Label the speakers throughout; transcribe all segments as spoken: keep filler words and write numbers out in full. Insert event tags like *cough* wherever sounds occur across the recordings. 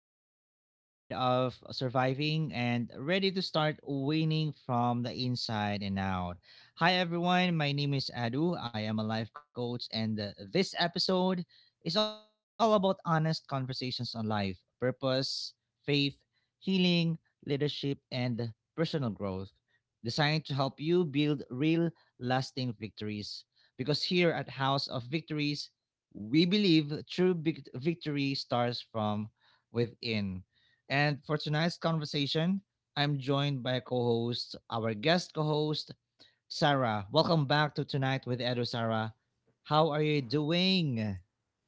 Speaker 1: people who are tired of surviving and ready to start winning from the inside and out. Hi, everyone. My name is Edu. I am a life coach, and uh, this episode is all about honest conversations on life, purpose, faith, healing, leadership, and personal growth, designed to help you build real, lasting victories. Because here at House of Victories, we believe true vic- victory starts from within. And for tonight's conversation, I'm joined by co host, our guest co host, Sarah. Welcome back to Tonight with Edo, Sarah. How are you doing?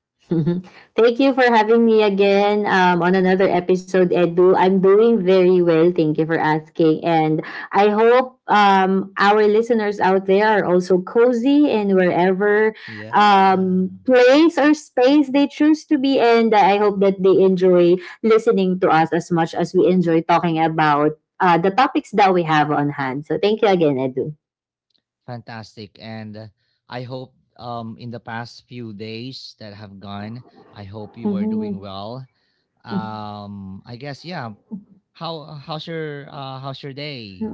Speaker 2: *laughs* Mhm. Thank you for having me again um, on another episode, Edu. I'm doing very well. Thank you for asking. And I hope um, our listeners out there are also cozy in wherever
Speaker 1: Yeah,
Speaker 2: um, place or space they choose to be. in. I hope that they enjoy listening to us as much as we enjoy talking about uh, the topics that we have on hand. So thank you again, Edu.
Speaker 1: fantastic. And uh, I hope um, in the past few days that have gone, I hope you are doing
Speaker 2: Mhm.
Speaker 1: well. Um, I guess, yeah. How how's your uh how's your day?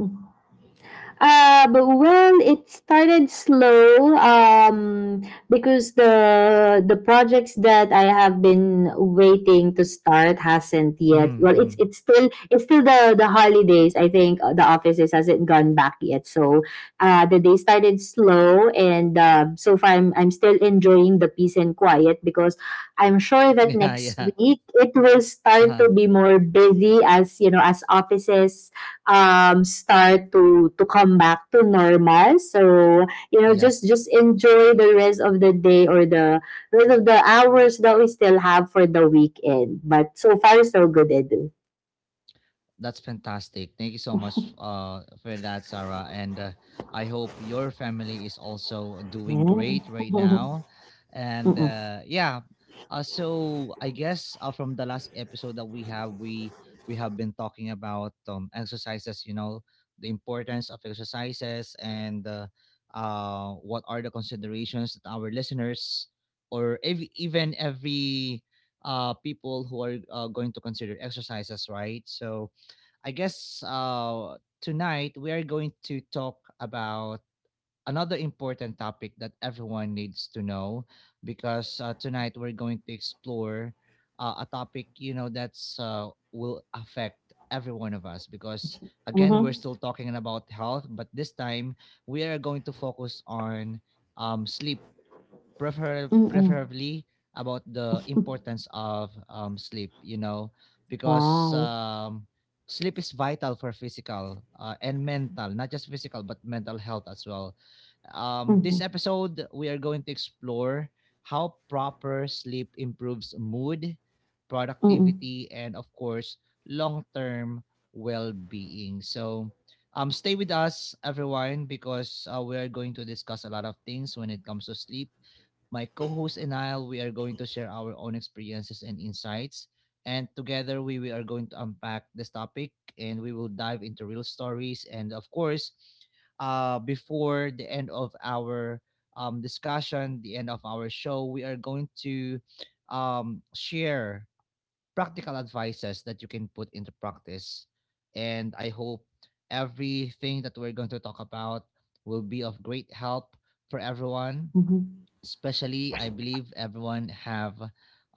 Speaker 2: Uh, but well, it started slow um, because the the projects that I have been waiting to start hasn't yet. Well, it's
Speaker 1: *laughs*
Speaker 2: it's still it's still the the holidays. I think uh, the offices hasn't gone back yet, so uh, the day started slow, and uh, so far I'm I'm still enjoying the peace and quiet because I'm sure that
Speaker 1: Iya
Speaker 2: next
Speaker 1: iya,
Speaker 2: week it will start to
Speaker 1: paham,
Speaker 2: be more busy as you know as offices um, start to to come back to normal. So you know,
Speaker 1: iya.
Speaker 2: just just enjoy the rest of the day or the rest of the hours that we still have for the weekend. But so far, so good, Edu.
Speaker 1: That's fantastic. Thank you so much uh, for that, Sarah. And uh, I hope your family is also doing
Speaker 2: Mm.
Speaker 1: great right
Speaker 2: *laughs*
Speaker 1: now. And
Speaker 2: Mm-mm.
Speaker 1: uh, yeah, uh, so I guess uh, from the last episode that we have, we we have been talking about um, exercises. You know, the importance of exercises and uh, uh, what are the considerations that our listeners or ev- even every uh, people who are uh, going to consider exercises, right? So I guess uh, tonight we are going to talk about another important topic that everyone needs to know because uh, tonight we're going to explore uh, a topic, you know, that's uh, will affect every one of us, because again we're
Speaker 2: Mhm.
Speaker 1: still talking about health, but this time we are going to focus on um, sleep, prefer
Speaker 2: Mm-mm.
Speaker 1: preferably about the importance of um, sleep, you know, because
Speaker 2: Right.
Speaker 1: um, sleep is vital for physical uh, and mental, not just physical but mental health as well. um, this
Speaker 2: Mhm.
Speaker 1: episode we are going to explore how proper sleep improves mood,
Speaker 2: Mm-mm.
Speaker 1: productivity, and of course long-term well-being. So um, stay with us everyone, because uh, we are going to discuss a lot of things when it comes to sleep. My co host and I, we are going to share our own experiences and insights. And together, we, we are going to unpack this topic, and we will dive into real stories. And of course, uh, before the end of our um, discussion, the end of our show, we are going to um, share practical advices that you can put into practice. And I hope everything that we're going to talk about will be of great help for everyone,
Speaker 2: Mhm.
Speaker 1: especially I believe everyone have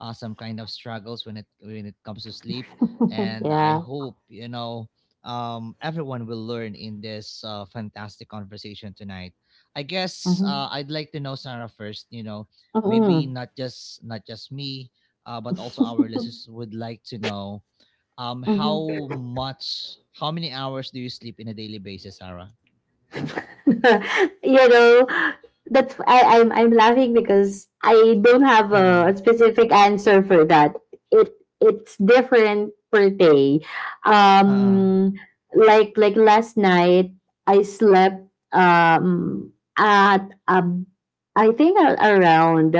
Speaker 1: uh, some kind of struggles when it when it comes to sleep.
Speaker 2: *laughs*
Speaker 1: And I
Speaker 2: Yeah.
Speaker 1: hope, you know, um, everyone will learn in this uh, fantastic conversation tonight. I guess uh,
Speaker 2: Mm-hmm.
Speaker 1: I'd like to know, Sarah, first, you know, maybe
Speaker 2: Mm-mm.
Speaker 1: not just not just me, uh, but also our listeners would like to know, um
Speaker 2: *laughs*
Speaker 1: how much how many hours do you sleep in a daily basis, Sarah?
Speaker 2: *laughs* you know that's I, I'm I'm laughing because I don't have
Speaker 1: Uh,
Speaker 2: a specific answer for that. It it's different per day.
Speaker 1: uh,
Speaker 2: Um, like like last night I slept um at um I think a- around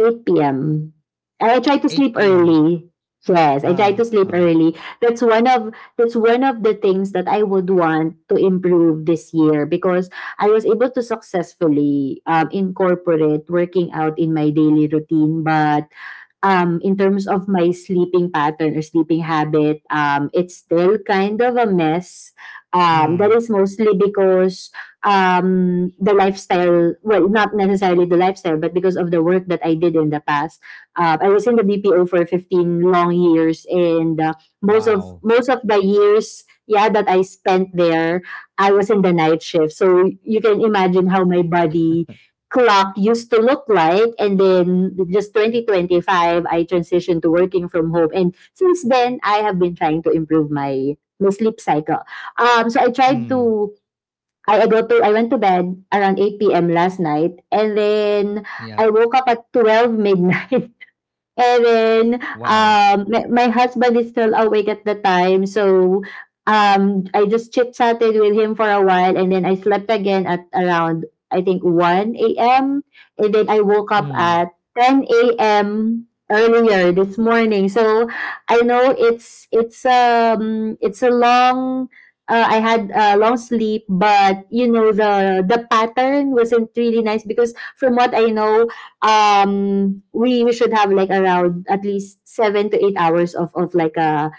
Speaker 2: eight p m. I try to sleep
Speaker 1: eight p m p.m.
Speaker 2: early. Yes, I try
Speaker 1: uh,
Speaker 2: to sleep
Speaker 1: uh.
Speaker 2: early. That's one of that's one of the things that I would want to improve this year because I was able to successfully um, incorporate working out in my daily routine, but um, in terms of my sleeping pattern or sleeping habit, um, it's still kind of a mess. Um, that
Speaker 1: Mm.
Speaker 2: is mostly because um, the lifestyle, well, not necessarily the lifestyle, but because of the work that I did in the past. Uh, I was in the B P O for fifteen long years, and uh, most of
Speaker 1: Wow.
Speaker 2: most of the years, yeah, that I spent there, I was in the night shift. So you can imagine how my body clock used to look like, and then just two thousand twenty-five I transitioned to working from home, and since then I have been trying to improve my my sleep cycle. Um so I tried
Speaker 1: Mm.
Speaker 2: to I I go to I went to bed around eight p m. last night, and then
Speaker 1: Yep.
Speaker 2: I woke up at twelve midnight. *laughs* And then
Speaker 1: Wow.
Speaker 2: um, my, my husband is still awake at the time, so um, I just chit chatted with him for a while, and then I slept again at around I think one a m and then I woke
Speaker 1: Mm.
Speaker 2: up at ten a m earlier this morning. So I know it's it's um it's a long. Uh, I had a long sleep, but you know the the pattern wasn't really nice because from what I know, um we, we should have like around at least seven to eight hours of of like a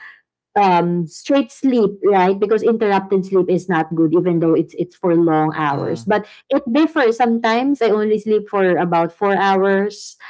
Speaker 2: um straight sleep, right? Because interrupted sleep is not good even though it's it's for long hours,
Speaker 1: Uh,
Speaker 2: but it differs. Sometimes I only sleep for about four hours.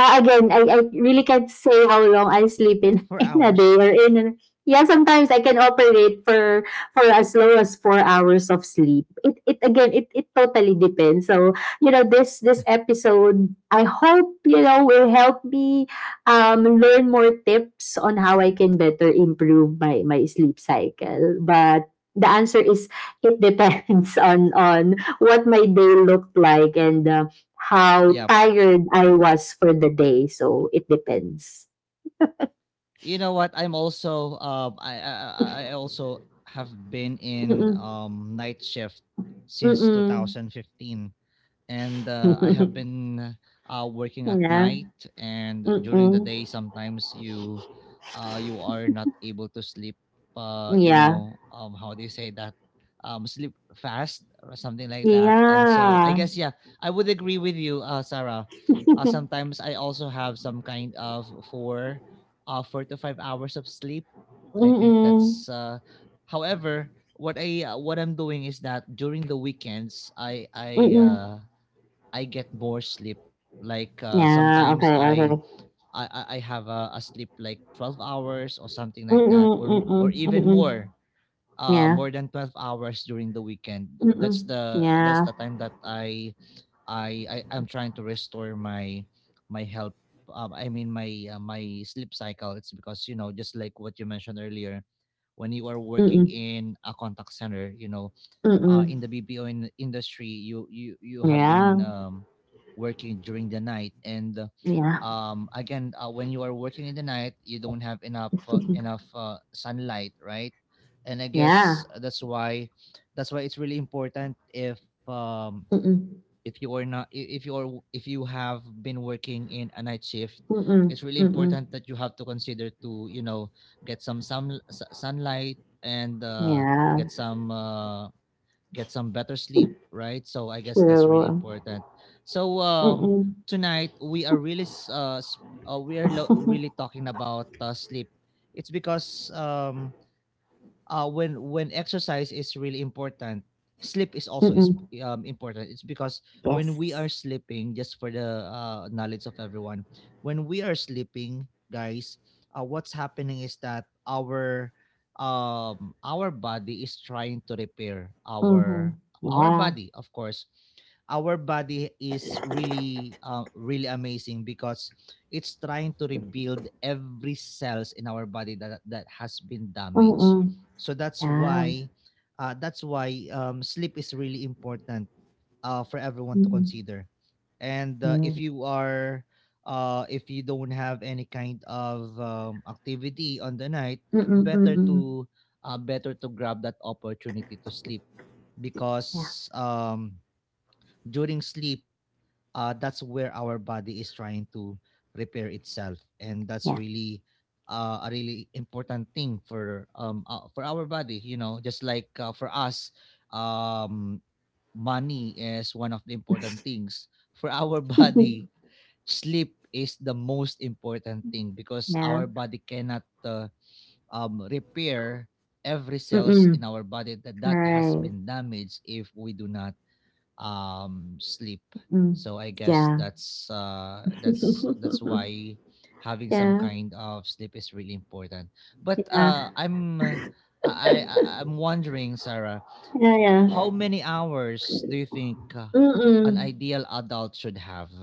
Speaker 2: Uh, again, I, I really can't say how long I sleep in, *laughs*
Speaker 1: four
Speaker 2: in a day
Speaker 1: hours.
Speaker 2: or in a- yeah, sometimes I can operate for for as low as four hours of sleep. It it again it, it totally depends. So, you know, this this episode I hope, you know, will help me um learn more tips on how I can better improve my, my sleep cycle. But the answer is it depends *laughs* on on what my day looked like and uh, how
Speaker 1: Yep.
Speaker 2: tired I was for the day. So it depends.
Speaker 1: You know what? I'm also um I I I I also have been in
Speaker 2: Mm-mm.
Speaker 1: um night shift since
Speaker 2: Mm-mm.
Speaker 1: two thousand fifteen. And uh, I have
Speaker 2: *laughs*
Speaker 1: been uh, working at
Speaker 2: Yeah.
Speaker 1: night and during the
Speaker 2: Mm-mm.
Speaker 1: day. Sometimes you uh, you are not able to sleep. Uh, you
Speaker 2: Yeah.
Speaker 1: know, um, how they say that um, sleep fast or something like that. And so I
Speaker 2: Yeah.
Speaker 1: guess yeah, I would agree with you, uh, Sarah. Uh, sometimes I also have some kind of four, uh, four to five hours of sleep. I think
Speaker 2: Mm-mm.
Speaker 1: that's. Uh, however, what I uh, what I'm doing is that during the weekends, I I
Speaker 2: Mm-mm.
Speaker 1: uh, I get more sleep. Like uh,
Speaker 2: Yeah.
Speaker 1: sometimes
Speaker 2: Okay.
Speaker 1: I
Speaker 2: Okay.
Speaker 1: I I I have a, a sleep like twelve hours or something like that,
Speaker 2: Mm-mm.
Speaker 1: or m-
Speaker 2: Mm-mm.
Speaker 1: or even
Speaker 2: Mm-mm.
Speaker 1: more, uh,
Speaker 2: Yeah.
Speaker 1: more than twelve hours during the weekend. That's
Speaker 2: Mm-mm.
Speaker 1: the that's
Speaker 2: Yeah.
Speaker 1: the time that I I, I I'm trying to restore my my health. Um, I mean my uh, my sleep cycle. It's because you know just like what you mentioned earlier, when you are working
Speaker 2: Mm-mm.
Speaker 1: in a contact center, you know uh,
Speaker 2: Mm-mm.
Speaker 1: in the B P O in industry, you you you have
Speaker 2: Yeah.
Speaker 1: been um, working during the night, and uh,
Speaker 2: Yeah.
Speaker 1: um, again, uh, when you are working in the night, you don't have enough uh,
Speaker 2: *laughs*
Speaker 1: enough uh, sunlight, right? And I guess
Speaker 2: Yeah.
Speaker 1: that's why that's why it's really important if um,
Speaker 2: Mm-mm.
Speaker 1: if you are not i- if you are, if you have been working in a night shift,
Speaker 2: Mm-mm.
Speaker 1: it's really
Speaker 2: Mm-mm.
Speaker 1: important that you have to consider to, you know, get some sun sunlight, and uh,
Speaker 2: Yeah.
Speaker 1: get some uh, get some better sleep, right? So I guess that's really
Speaker 2: True.
Speaker 1: important. So um
Speaker 2: Mm-mm.
Speaker 1: tonight we are really s- uh, s- uh we are lo- really talking about uh, sleep. It's because um uh, when when exercise is really important, sleep is also is
Speaker 2: *laughs*
Speaker 1: um, important. It's because when we are sleeping, just for the uh, knowledge of everyone, when we are sleeping, guys, uh, what's happening is that our um our body is trying to repair our
Speaker 2: Mhm.
Speaker 1: our
Speaker 2: Yeah.
Speaker 1: body. Of course, our body is really uh, really amazing, because it's trying to rebuild every cells in our body that that has been damaged.
Speaker 2: Mm-mm.
Speaker 1: So that's
Speaker 2: Ja.
Speaker 1: why uh, that's why um, sleep is really important uh, for everyone to
Speaker 2: Mm-mm.
Speaker 1: consider. And uh, if
Speaker 2: Ja.
Speaker 1: you are uh, if you don't have any kind of um, activity on the night,
Speaker 2: Mm-mm,
Speaker 1: better
Speaker 2: mm-mm.
Speaker 1: to uh, better to grab that opportunity to sleep,
Speaker 2: Ja.
Speaker 1: because um, during sleep uh, that's where our body is trying to repair itself, and that's
Speaker 2: Ja.
Speaker 1: really uh, a really important thing for um uh, for our body. You know, just like uh, for us, um, money is one of the important things for our *laughs* body. Sleep is the most important thing, because
Speaker 2: Ja.
Speaker 1: our body cannot uh, um, repair every
Speaker 2: *laughs*
Speaker 1: cells
Speaker 2: Mm-mm.
Speaker 1: in our body that that has
Speaker 2: Right.
Speaker 1: been damaged if we do not um sleep.
Speaker 2: Mm.
Speaker 1: So I guess
Speaker 2: Yeah.
Speaker 1: that's uh that's that's
Speaker 2: *laughs*
Speaker 1: why having some
Speaker 2: Yeah.
Speaker 1: kind of sleep is really important. But
Speaker 2: Yeah.
Speaker 1: uh i'm uh, i
Speaker 2: *laughs*
Speaker 1: I- I'm wondering, Sarah,
Speaker 2: Yeah. Yeah.
Speaker 1: how many hours do you think uh,
Speaker 2: Mm-mm.
Speaker 1: an ideal adult should have?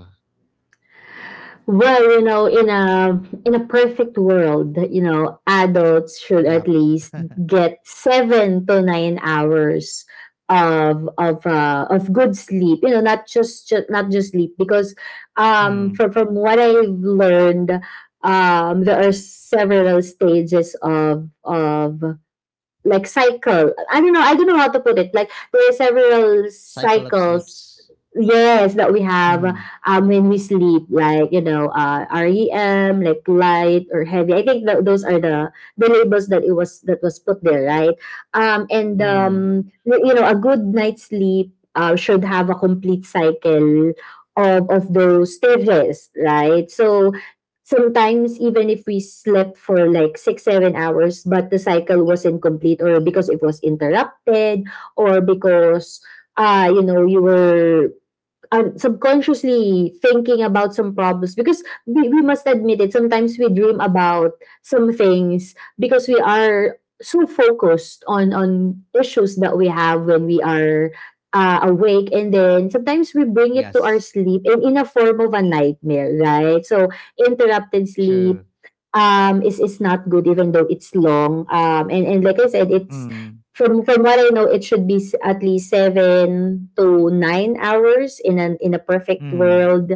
Speaker 2: Well, you know, in a in a perfect world, you know, adults should at
Speaker 1: Yep.
Speaker 2: least get seven to nine hours of of uh, of good sleep. You know, not just, just not just sleep because
Speaker 1: *laughs*
Speaker 2: um
Speaker 1: Mm.
Speaker 2: from from what I've learned, um there are several stages of of like cycle. I don't know. I don't know how to put it. Like there are several
Speaker 1: Cycle of
Speaker 2: cycles.
Speaker 1: sleeps.
Speaker 2: Yes, that we have
Speaker 1: Mm.
Speaker 2: um when we sleep, like you know, uh, REM, like light or heavy. I think that those are the the labels that it was that was put there, right? Um, and
Speaker 1: Mm.
Speaker 2: um, y- you know, a good night's sleep uh, should have a complete cycle of of those stages, right? So sometimes even if we slept for like six seven hours but the cycle was incomplete or because it was interrupted, or because uh you know you were um, subconsciously thinking about some problems, because we, we must admit it, sometimes we dream about some things because we are so focused on on issues that we have when we are uh, awake, and then sometimes we bring it to our
Speaker 1: Yes.
Speaker 2: sleep in, in a form of a nightmare, right? So interrupted sleep
Speaker 1: True.
Speaker 2: um is is not good even though it's long, um and and like I said, it's
Speaker 1: Mm.
Speaker 2: from from what I know, it should be s- at least seven to nine hours in an in a perfect
Speaker 1: Mm.
Speaker 2: world.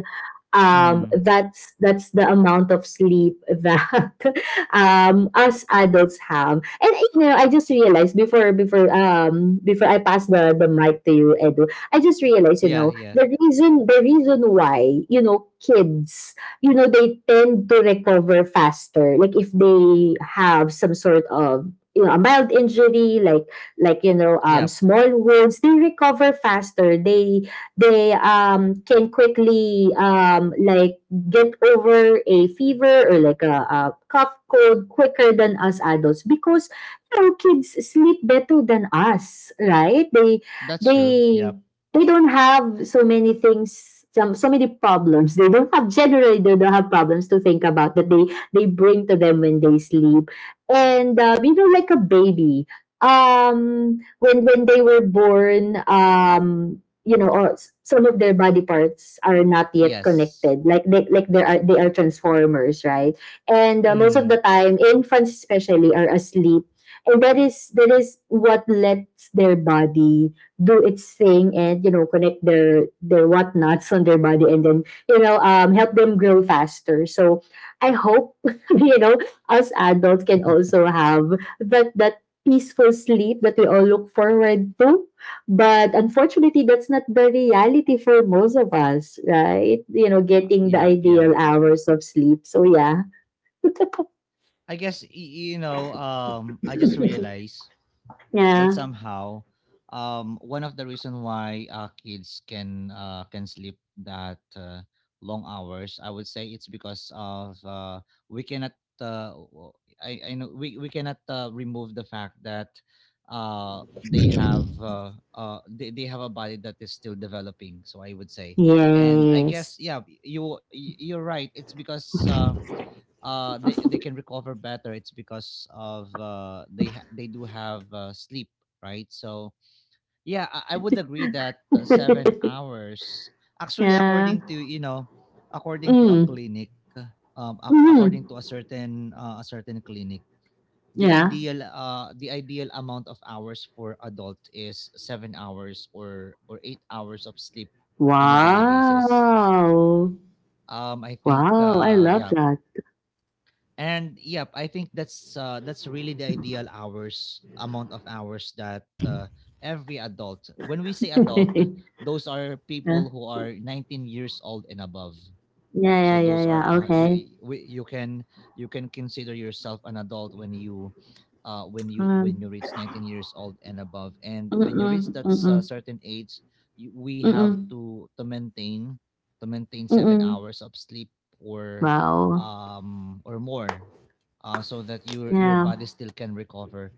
Speaker 2: Um,
Speaker 1: Mm.
Speaker 2: that's that's the amount of sleep that *laughs* um us adults have. And you know, I just realized before before um before I pass the the mic to you, Edu, I just realized you
Speaker 1: Yeah,
Speaker 2: know
Speaker 1: yeah.
Speaker 2: the reason the reason why you know kids you know they tend to recover faster. Like if they have some sort of you know a mild injury like like you know um,
Speaker 1: Yep.
Speaker 2: small wounds, they recover faster. they they um, can quickly um, like get over a fever or like a, a cough cold quicker than us adults because you know kids sleep better than us, right? They
Speaker 1: That's true.
Speaker 2: they
Speaker 1: Yep.
Speaker 2: they don't have so many things some so many problems, they don't have, generally they don't have problems to think about that they they bring to them when they sleep. And uh, you know, like a baby um when when they were born, um you know, or s- some of their body parts are not yet
Speaker 1: Yes.
Speaker 2: connected, like they like they are they are transformers, right? And uh, most of the
Speaker 1: Mm.
Speaker 2: time infants especially are asleep, and that is that is what lets their body do its thing, and you know connect their their whatnots on their body, and then you know um help them grow faster. So I hope *laughs* you know us adults can also have that that peaceful sleep that we all look forward to. But unfortunately, that's not the reality for most of us, right? You know, getting the
Speaker 1: Yep, yep.
Speaker 2: ideal hours of sleep. So, yeah. *laughs*
Speaker 1: I guess, y- you know, um I just realized that
Speaker 2: Yeah.
Speaker 1: somehow um one of the reason why uh, kids can uh can sleep that uh, long hours, I would say it's because of uh we cannot uh w- I I know we we cannot uh, remove the fact that uh they have uh, uh they, they have a body that is still developing. So I would say, and I
Speaker 2: Yes.
Speaker 1: guess yeah, you you- you're right, it's because um uh they they can recover better, it's because of uh they ha- they do have uh, sleep, right? So yeah, I, I would agree that uh, seven
Speaker 2: *laughs*
Speaker 1: hours, actually,
Speaker 2: Yeah.
Speaker 1: according to, you know, according to a
Speaker 2: Mm.
Speaker 1: clinic, uh, um ac-
Speaker 2: Mm.
Speaker 1: according to a certain uh, a certain clinic, the
Speaker 2: Yeah.
Speaker 1: ideal uh the ideal amount of hours for adult is seven hours or or eight hours of sleep in a daily basis.
Speaker 2: Wow.
Speaker 1: Um I think
Speaker 2: Wow. I
Speaker 1: uh
Speaker 2: love
Speaker 1: yeah.
Speaker 2: that.
Speaker 1: And yep, I think that's uh, that's really the ideal hours amount of hours that uh, every adult. When we say
Speaker 2: *laughs*
Speaker 1: adult,
Speaker 2: Yeah.
Speaker 1: those are
Speaker 2: Yeah.
Speaker 1: people who are nineteen years old and above. So
Speaker 2: Yeah. Yeah.
Speaker 1: those are
Speaker 2: Yeah.
Speaker 1: uh,
Speaker 2: Okay.
Speaker 1: you, we- you can, you can consider yourself an adult when you uh, when you when you
Speaker 2: Um.
Speaker 1: reach nineteen years old and above. And when you reach
Speaker 2: Mm. Mm.
Speaker 1: that s- uh,
Speaker 2: Mm.
Speaker 1: certain age, you, we
Speaker 2: Mm.
Speaker 1: have
Speaker 2: Mm.
Speaker 1: to to maintain to maintain seven
Speaker 2: Mm.
Speaker 1: hours of sleep or
Speaker 2: Wow.
Speaker 1: um or more, uh, so that your your
Speaker 2: Yeah,
Speaker 1: body still can recover.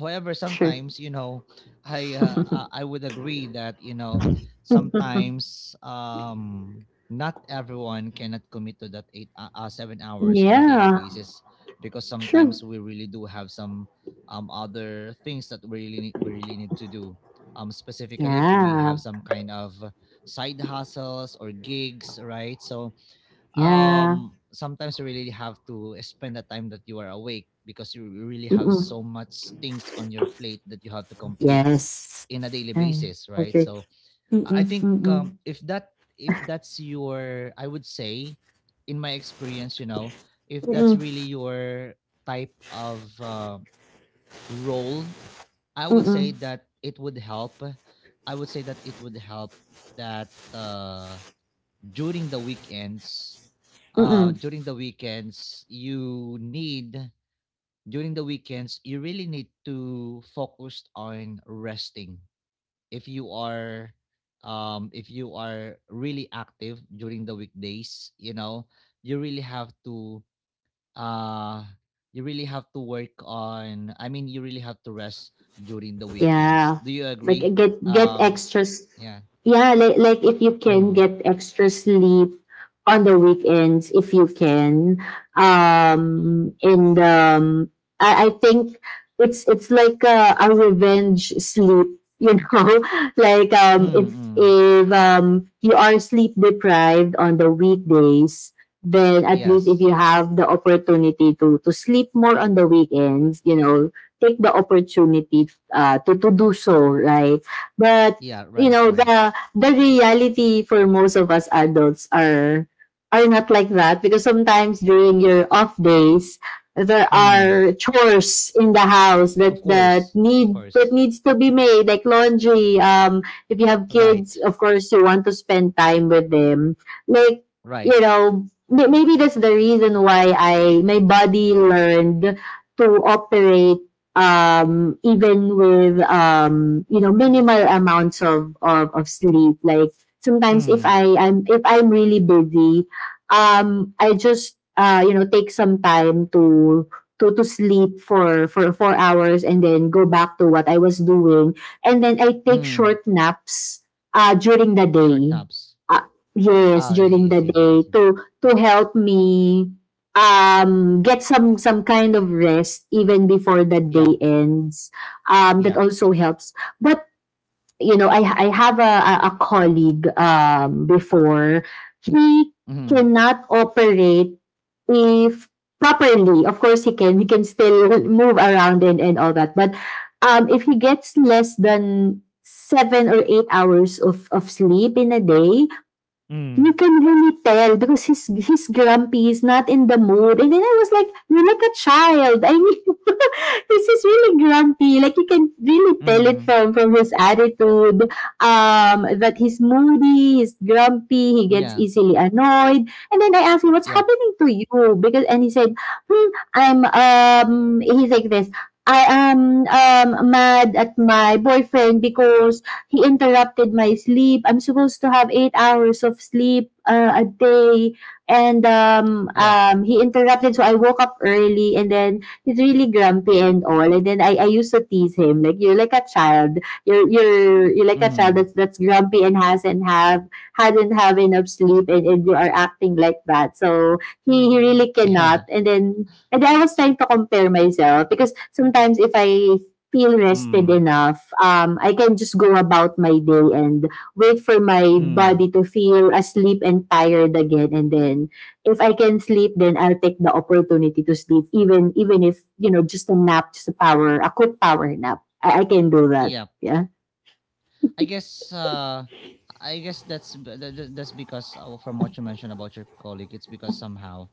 Speaker 1: However,
Speaker 2: true.
Speaker 1: sometimes, you know, i uh,
Speaker 2: *laughs*
Speaker 1: i I would agree that, you know, sometimes um not everyone cannot commit to that eight uh, uh, seven hours in a daily
Speaker 2: Yeah,
Speaker 1: basis, because
Speaker 2: true.
Speaker 1: sometimes we really do have some um other things that we really need, we really need to do, um specifically if we
Speaker 2: Yeah,
Speaker 1: have some kind of side hustles or gigs, right? So
Speaker 2: yeah.
Speaker 1: um sometimes you really have to spend the time that you are awake, because you really have
Speaker 2: Mm-mm.
Speaker 1: so much things on your plate that you have to complete
Speaker 2: Yes.
Speaker 1: in a daily
Speaker 2: Mm,
Speaker 1: basis,
Speaker 2: I
Speaker 1: right?
Speaker 2: agree.
Speaker 1: So I
Speaker 2: Mm-mm,
Speaker 1: think um
Speaker 2: mm-mm,
Speaker 1: if that, if that's your, I would say in my experience, you know, if that's
Speaker 2: mm-mm,
Speaker 1: really your type of uh, role, I would
Speaker 2: mm-mm,
Speaker 1: say that it would help. I would say that it would help that, uh during the weekends, uh
Speaker 2: mm-mm.
Speaker 1: during the weekends you need during the weekends you really need to focus on resting. If you are um if you are really active during the weekdays, you know, you really have to, uh you really have to work on, I mean, you really have to rest during the weekends.
Speaker 2: Yeah.
Speaker 1: Do you
Speaker 2: Like uh,
Speaker 1: agree?
Speaker 2: get get
Speaker 1: um
Speaker 2: extras.
Speaker 1: yeah.
Speaker 2: Yeah, like like if you can
Speaker 1: Mm.
Speaker 2: get extra sleep on the weekends if you can. Um and um I, I think it's it's like a, a revenge sleep, you know. *laughs* Like
Speaker 1: Mm,
Speaker 2: um if
Speaker 1: mm.
Speaker 2: if um you are sleep deprived on the weekdays, then at least if
Speaker 1: Yes.
Speaker 2: you have the opportunity to to sleep more on the weekends, you know, take the opportunity uh, to, to do so, right? But
Speaker 1: Yeah.
Speaker 2: you
Speaker 1: Right,
Speaker 2: know,
Speaker 1: right.
Speaker 2: the the reality for most of us adults are are not like that, because sometimes during your off days there
Speaker 1: Mm.
Speaker 2: are chores in the house that
Speaker 1: Of
Speaker 2: that
Speaker 1: course, of
Speaker 2: need that
Speaker 1: course.
Speaker 2: needs to be made, like laundry. Um if you have kids
Speaker 1: Right,
Speaker 2: of course you want to spend time with them, like you
Speaker 1: right.
Speaker 2: know, may- maybe that's the reason why I my body learned to operate um, even with um, you know, minimal amounts of, of of sleep. Like sometimes if
Speaker 1: Mm.
Speaker 2: I am if I'm really busy, um, I just uh, you know take some time to to to sleep for for four hours, and then go back to what I was doing, and then I take
Speaker 1: Mm.
Speaker 2: short naps uh, during the
Speaker 1: Short
Speaker 2: day.
Speaker 1: naps.
Speaker 2: Uh, yes,
Speaker 1: Ah, I
Speaker 2: during
Speaker 1: see, I
Speaker 2: the
Speaker 1: see,
Speaker 2: day
Speaker 1: I see.
Speaker 2: to to help me um get some some kind of rest even before the day
Speaker 1: Yep,
Speaker 2: ends. Um that
Speaker 1: yep.
Speaker 2: also helps. But you know, i i have a a a colleague um before, he
Speaker 1: Mhm.
Speaker 2: cannot operate if properly, of course he can he can still move around and and all that, but um if he gets less than seven or eight hours of of sleep in a day, you
Speaker 1: Mm,
Speaker 2: can really tell, because he's he's grumpy, he's not in the mood. And then I was like, "You're like a child." I mean *laughs* this is really grumpy. Like you can really tell it
Speaker 1: mm.
Speaker 2: from from his attitude. Um that he's moody, he's grumpy, he gets
Speaker 1: Yeah.
Speaker 2: easily annoyed. And then I asked him, "What's
Speaker 1: Yep,
Speaker 2: happening to you?" Because and he said, hmm, I'm um he's like this. I am um mad at my boyfriend because he interrupted my sleep. I'm supposed to have eight hours of sleep, uh, a day, and um,
Speaker 1: yep.
Speaker 2: um, he interrupted. So I woke up early, and then he's really grumpy and all. And then I, I used to tease him like, "You're like a child. You're you're you're like a child
Speaker 1: Mhm.
Speaker 2: that's that's grumpy and hasn't have hadn't have enough sleep, and, and you are acting like that." So he, he really
Speaker 1: *laughs* Yeah.
Speaker 2: cannot. And then and then I was trying to compare myself, because sometimes if I feel rested
Speaker 1: Mm,
Speaker 2: enough, um, I can just go about my day and wait for my
Speaker 1: mm.
Speaker 2: body to feel asleep and tired again. And then, if I can sleep, then I'll take the opportunity to sleep, even even if you know just a nap, just a power, a quick power nap. I, I can do that.
Speaker 1: Yep.
Speaker 2: Yeah.
Speaker 1: I guess, uh, I guess that's, b- tha- tha- that's because, uh, well, from what you mentioned about your colleague, it's because somehow,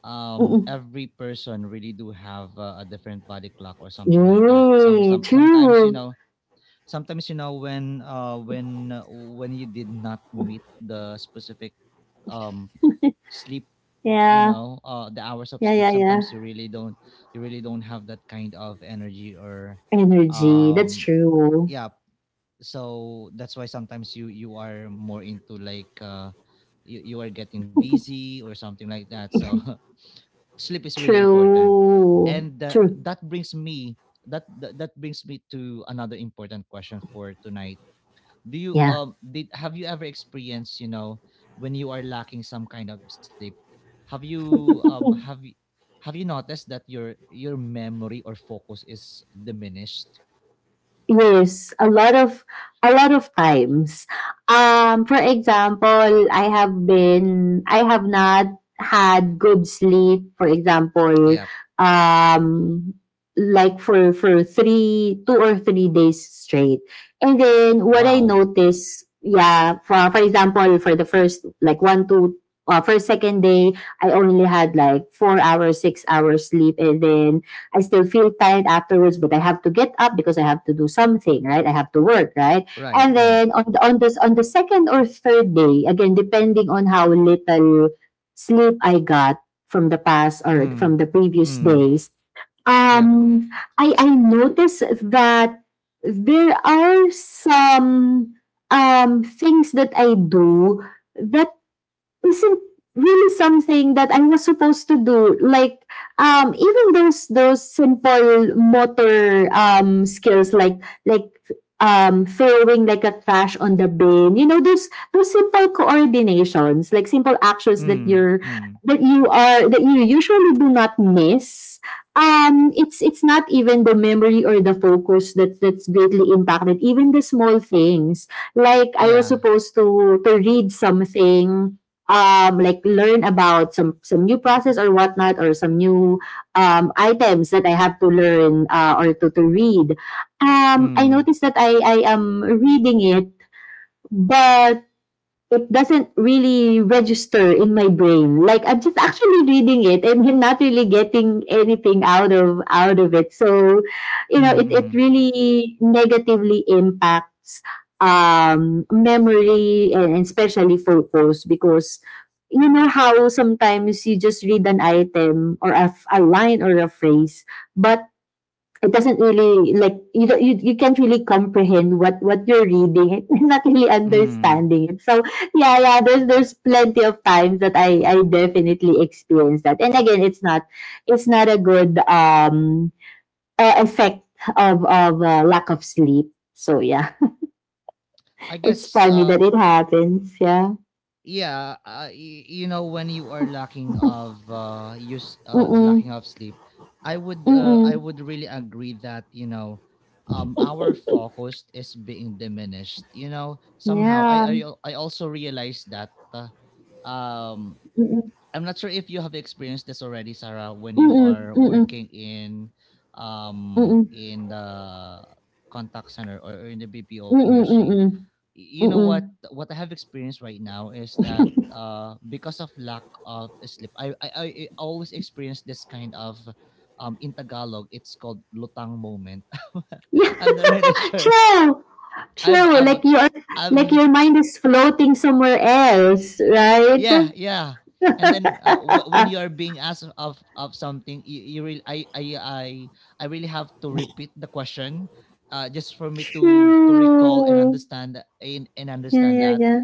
Speaker 1: um, every person really do have, uh, a different body clock or something like that. Some
Speaker 2: Yay,
Speaker 1: some sometimes, you
Speaker 2: true.
Speaker 1: know, sometimes you know when, uh when uh, when you did not meet the specific, um sleep, you
Speaker 2: Yeah.
Speaker 1: know, uh the hours of
Speaker 2: Yeah,
Speaker 1: sleep,
Speaker 2: yeah,
Speaker 1: sometimes
Speaker 2: yeah.
Speaker 1: you really don't, you really don't have that kind of energy, or,
Speaker 2: Energy. That's
Speaker 1: um
Speaker 2: true.
Speaker 1: yeah. So that's why sometimes you you are more into, like, uh you, you are getting busy or something like that. So, *laughs* sleep is really important.
Speaker 2: True.
Speaker 1: And, uh,
Speaker 2: True.
Speaker 1: that brings me that, that that brings me to another important question for tonight. do you
Speaker 2: Yeah.
Speaker 1: um did have you ever experienced, you know, when you are lacking some kind of sleep? Have you um have you have you noticed that your your memory or focus is diminished?
Speaker 2: Yes, a lot of a lot of times. Um, for example, I have been I have not had good sleep. For
Speaker 1: Yep.
Speaker 2: example, um, like for for three two or three days straight, and then what I
Speaker 1: Wow.
Speaker 2: noticed, yeah, for for example, for the first like one two. Uh, first second day, I only had like four hours, six hours sleep, and then I still feel tired afterwards, but I have to get up because I have to do something, right? I have to work, right?
Speaker 1: Right,
Speaker 2: And
Speaker 1: right.
Speaker 2: then on the, on this on the second or third day, again depending on how little sleep I got from the past or
Speaker 1: Mm,
Speaker 2: from the previous
Speaker 1: mm.
Speaker 2: days,
Speaker 1: Yep.
Speaker 2: um, I I noticed that there are some um things that I do that isn't really something that I was supposed to do. Like um even those those simple motor um skills like like um throwing like a trash on the bin. You know, those those simple coordinations, like simple actions that
Speaker 1: Mm,
Speaker 2: you're
Speaker 1: mm.
Speaker 2: that you are that you usually do not miss. Um it's it's not even the memory or the focus that that's greatly impacted. Even the small things. Like I was
Speaker 1: Yeah.
Speaker 2: supposed to to read something, um like learn about some some new process or whatnot, or some new um items that I have to learn, uh, or to to read.
Speaker 1: Mm,
Speaker 2: Um, I
Speaker 1: mm.
Speaker 2: noticed that I I am reading it, but it doesn't really register in my brain. Like I'm just actually reading it, and I'm not really getting anything out of out of it. So, you know, it, it
Speaker 1: Mm,
Speaker 2: really negatively impacts um memory, and and especially focus, because you know how sometimes you just read an item, or a, f- a line or a phrase, but it doesn't really, like, you don't- you, you can't really comprehend what what you're reading *laughs* and not really
Speaker 1: mm.
Speaker 2: understanding it, so yeah, yeah, there's there's plenty of times that i I definitely experience that. And again, it's not it's not a good, um uh, effect of of, uh, lack of sleep, so yeah.
Speaker 1: i
Speaker 2: *laughs* It's
Speaker 1: guess
Speaker 2: funny
Speaker 1: uh
Speaker 2: that it happens, yeah.
Speaker 1: yeah. Uh, y- you know, when you are lacking of, uh use uh
Speaker 2: Mm-mm,
Speaker 1: lacking of sleep, i would uh, I
Speaker 2: mm-mm,
Speaker 1: would really agree that, you know, um our focus is being diminished. You know, somehow, i
Speaker 2: yeah,
Speaker 1: i, al- I also realized that, uh, um
Speaker 2: mm-mm,
Speaker 1: I'm not sure if you have experienced this already, Sarah, when you
Speaker 2: mm-mm,
Speaker 1: are
Speaker 2: mm-mm,
Speaker 1: working in,
Speaker 2: mm-mm,
Speaker 1: um
Speaker 2: mm-mm,
Speaker 1: in the contact center or in the BPO industry.
Speaker 2: mm-mm,
Speaker 1: You know
Speaker 2: mm-mm.
Speaker 1: what what I have experienced right now is that, uh because of lack of sleep, I I, I I always experience this kind of, um in Tagalog it's called lutang moment. *laughs*
Speaker 2: Yeah,
Speaker 1: I'm not really *laughs*
Speaker 2: *laughs*
Speaker 1: sure.
Speaker 2: true.
Speaker 1: I've
Speaker 2: True.
Speaker 1: I've
Speaker 2: Like you are like
Speaker 1: I've
Speaker 2: your mind is floating somewhere else, right?
Speaker 1: Yeah, yeah. And then, uh, w- when you are being asked of of something, you, you really, I, I I I really have to repeat the question, uh just for me to to recall and
Speaker 2: True.
Speaker 1: understand, and, and
Speaker 2: Yeah,
Speaker 1: understand
Speaker 2: yeah,
Speaker 1: that.
Speaker 2: yeah.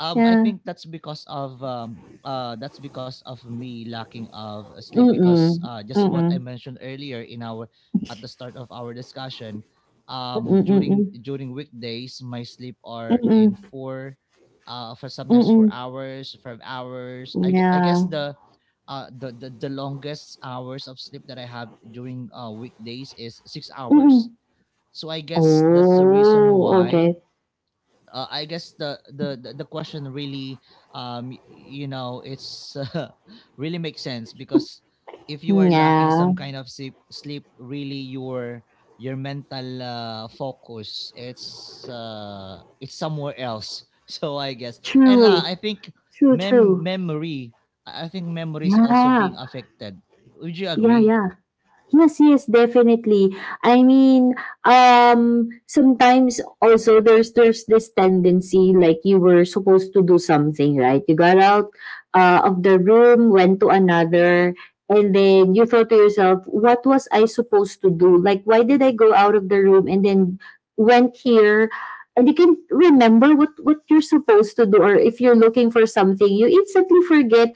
Speaker 1: Um, I
Speaker 2: Yeah.
Speaker 1: think that's because of, um uh that's because of me lacking of, uh, sleep, because,
Speaker 2: Mm-mm.
Speaker 1: uh just what I
Speaker 2: Mm-mm.
Speaker 1: mentioned earlier in our, at the start of our discussion, um
Speaker 2: Mm-mm.
Speaker 1: during
Speaker 2: Mm-mm.
Speaker 1: during weekdays my sleep are
Speaker 2: Mm-mm.
Speaker 1: in four, uh for sometimes
Speaker 2: Mm-mm.
Speaker 1: four hours, five hours. I, gue- I guess
Speaker 2: Yeah.
Speaker 1: the, uh the, the the longest hours of sleep that I have during, uh weekdays is six
Speaker 2: Mm-mm.
Speaker 1: hours. So I guess that's the reason
Speaker 2: Oh,
Speaker 1: why,
Speaker 2: okay.
Speaker 1: uh, I guess the, the the the question really, um y- you know, it's, *laughs* uh, really makes sense, because if you are lacking
Speaker 2: Yeah.
Speaker 1: some kind of sleep, sleep really, your your mental, uh, focus, it's, uh it's somewhere else. *laughs* So I guess, and, uh,
Speaker 2: True.
Speaker 1: I think,
Speaker 2: True,
Speaker 1: mem
Speaker 2: true.
Speaker 1: memory, I I think memory is also
Speaker 2: Yeah.
Speaker 1: being affected. Would you
Speaker 2: Yeah,
Speaker 1: agree?
Speaker 2: yeah. Yes, yes, definitely. I mean, um, sometimes also there's there's this tendency, like, you were supposed to do something, right? You got out, uh, of the room, went to another, and then you thought to yourself, "What was I supposed to do? Like, why did I go out of the room and then went here?" And you can remember what what you're supposed to do, or if you're looking for something, you instantly forget,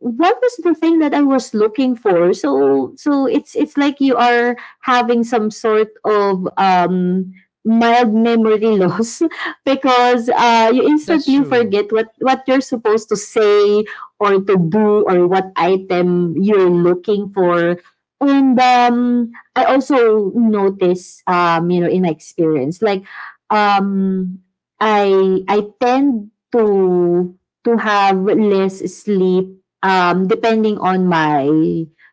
Speaker 2: what was the thing that I was looking for? So so it's it's like you are having some sort of um mild memory loss *laughs* because, uh, you
Speaker 1: That's
Speaker 2: instantly
Speaker 1: true.
Speaker 2: forget what what you're supposed to say, or to do, or what item you're looking for. And um, I also notice, um, you know in my experience, like, um, I I tend to to have less sleep, um, depending on my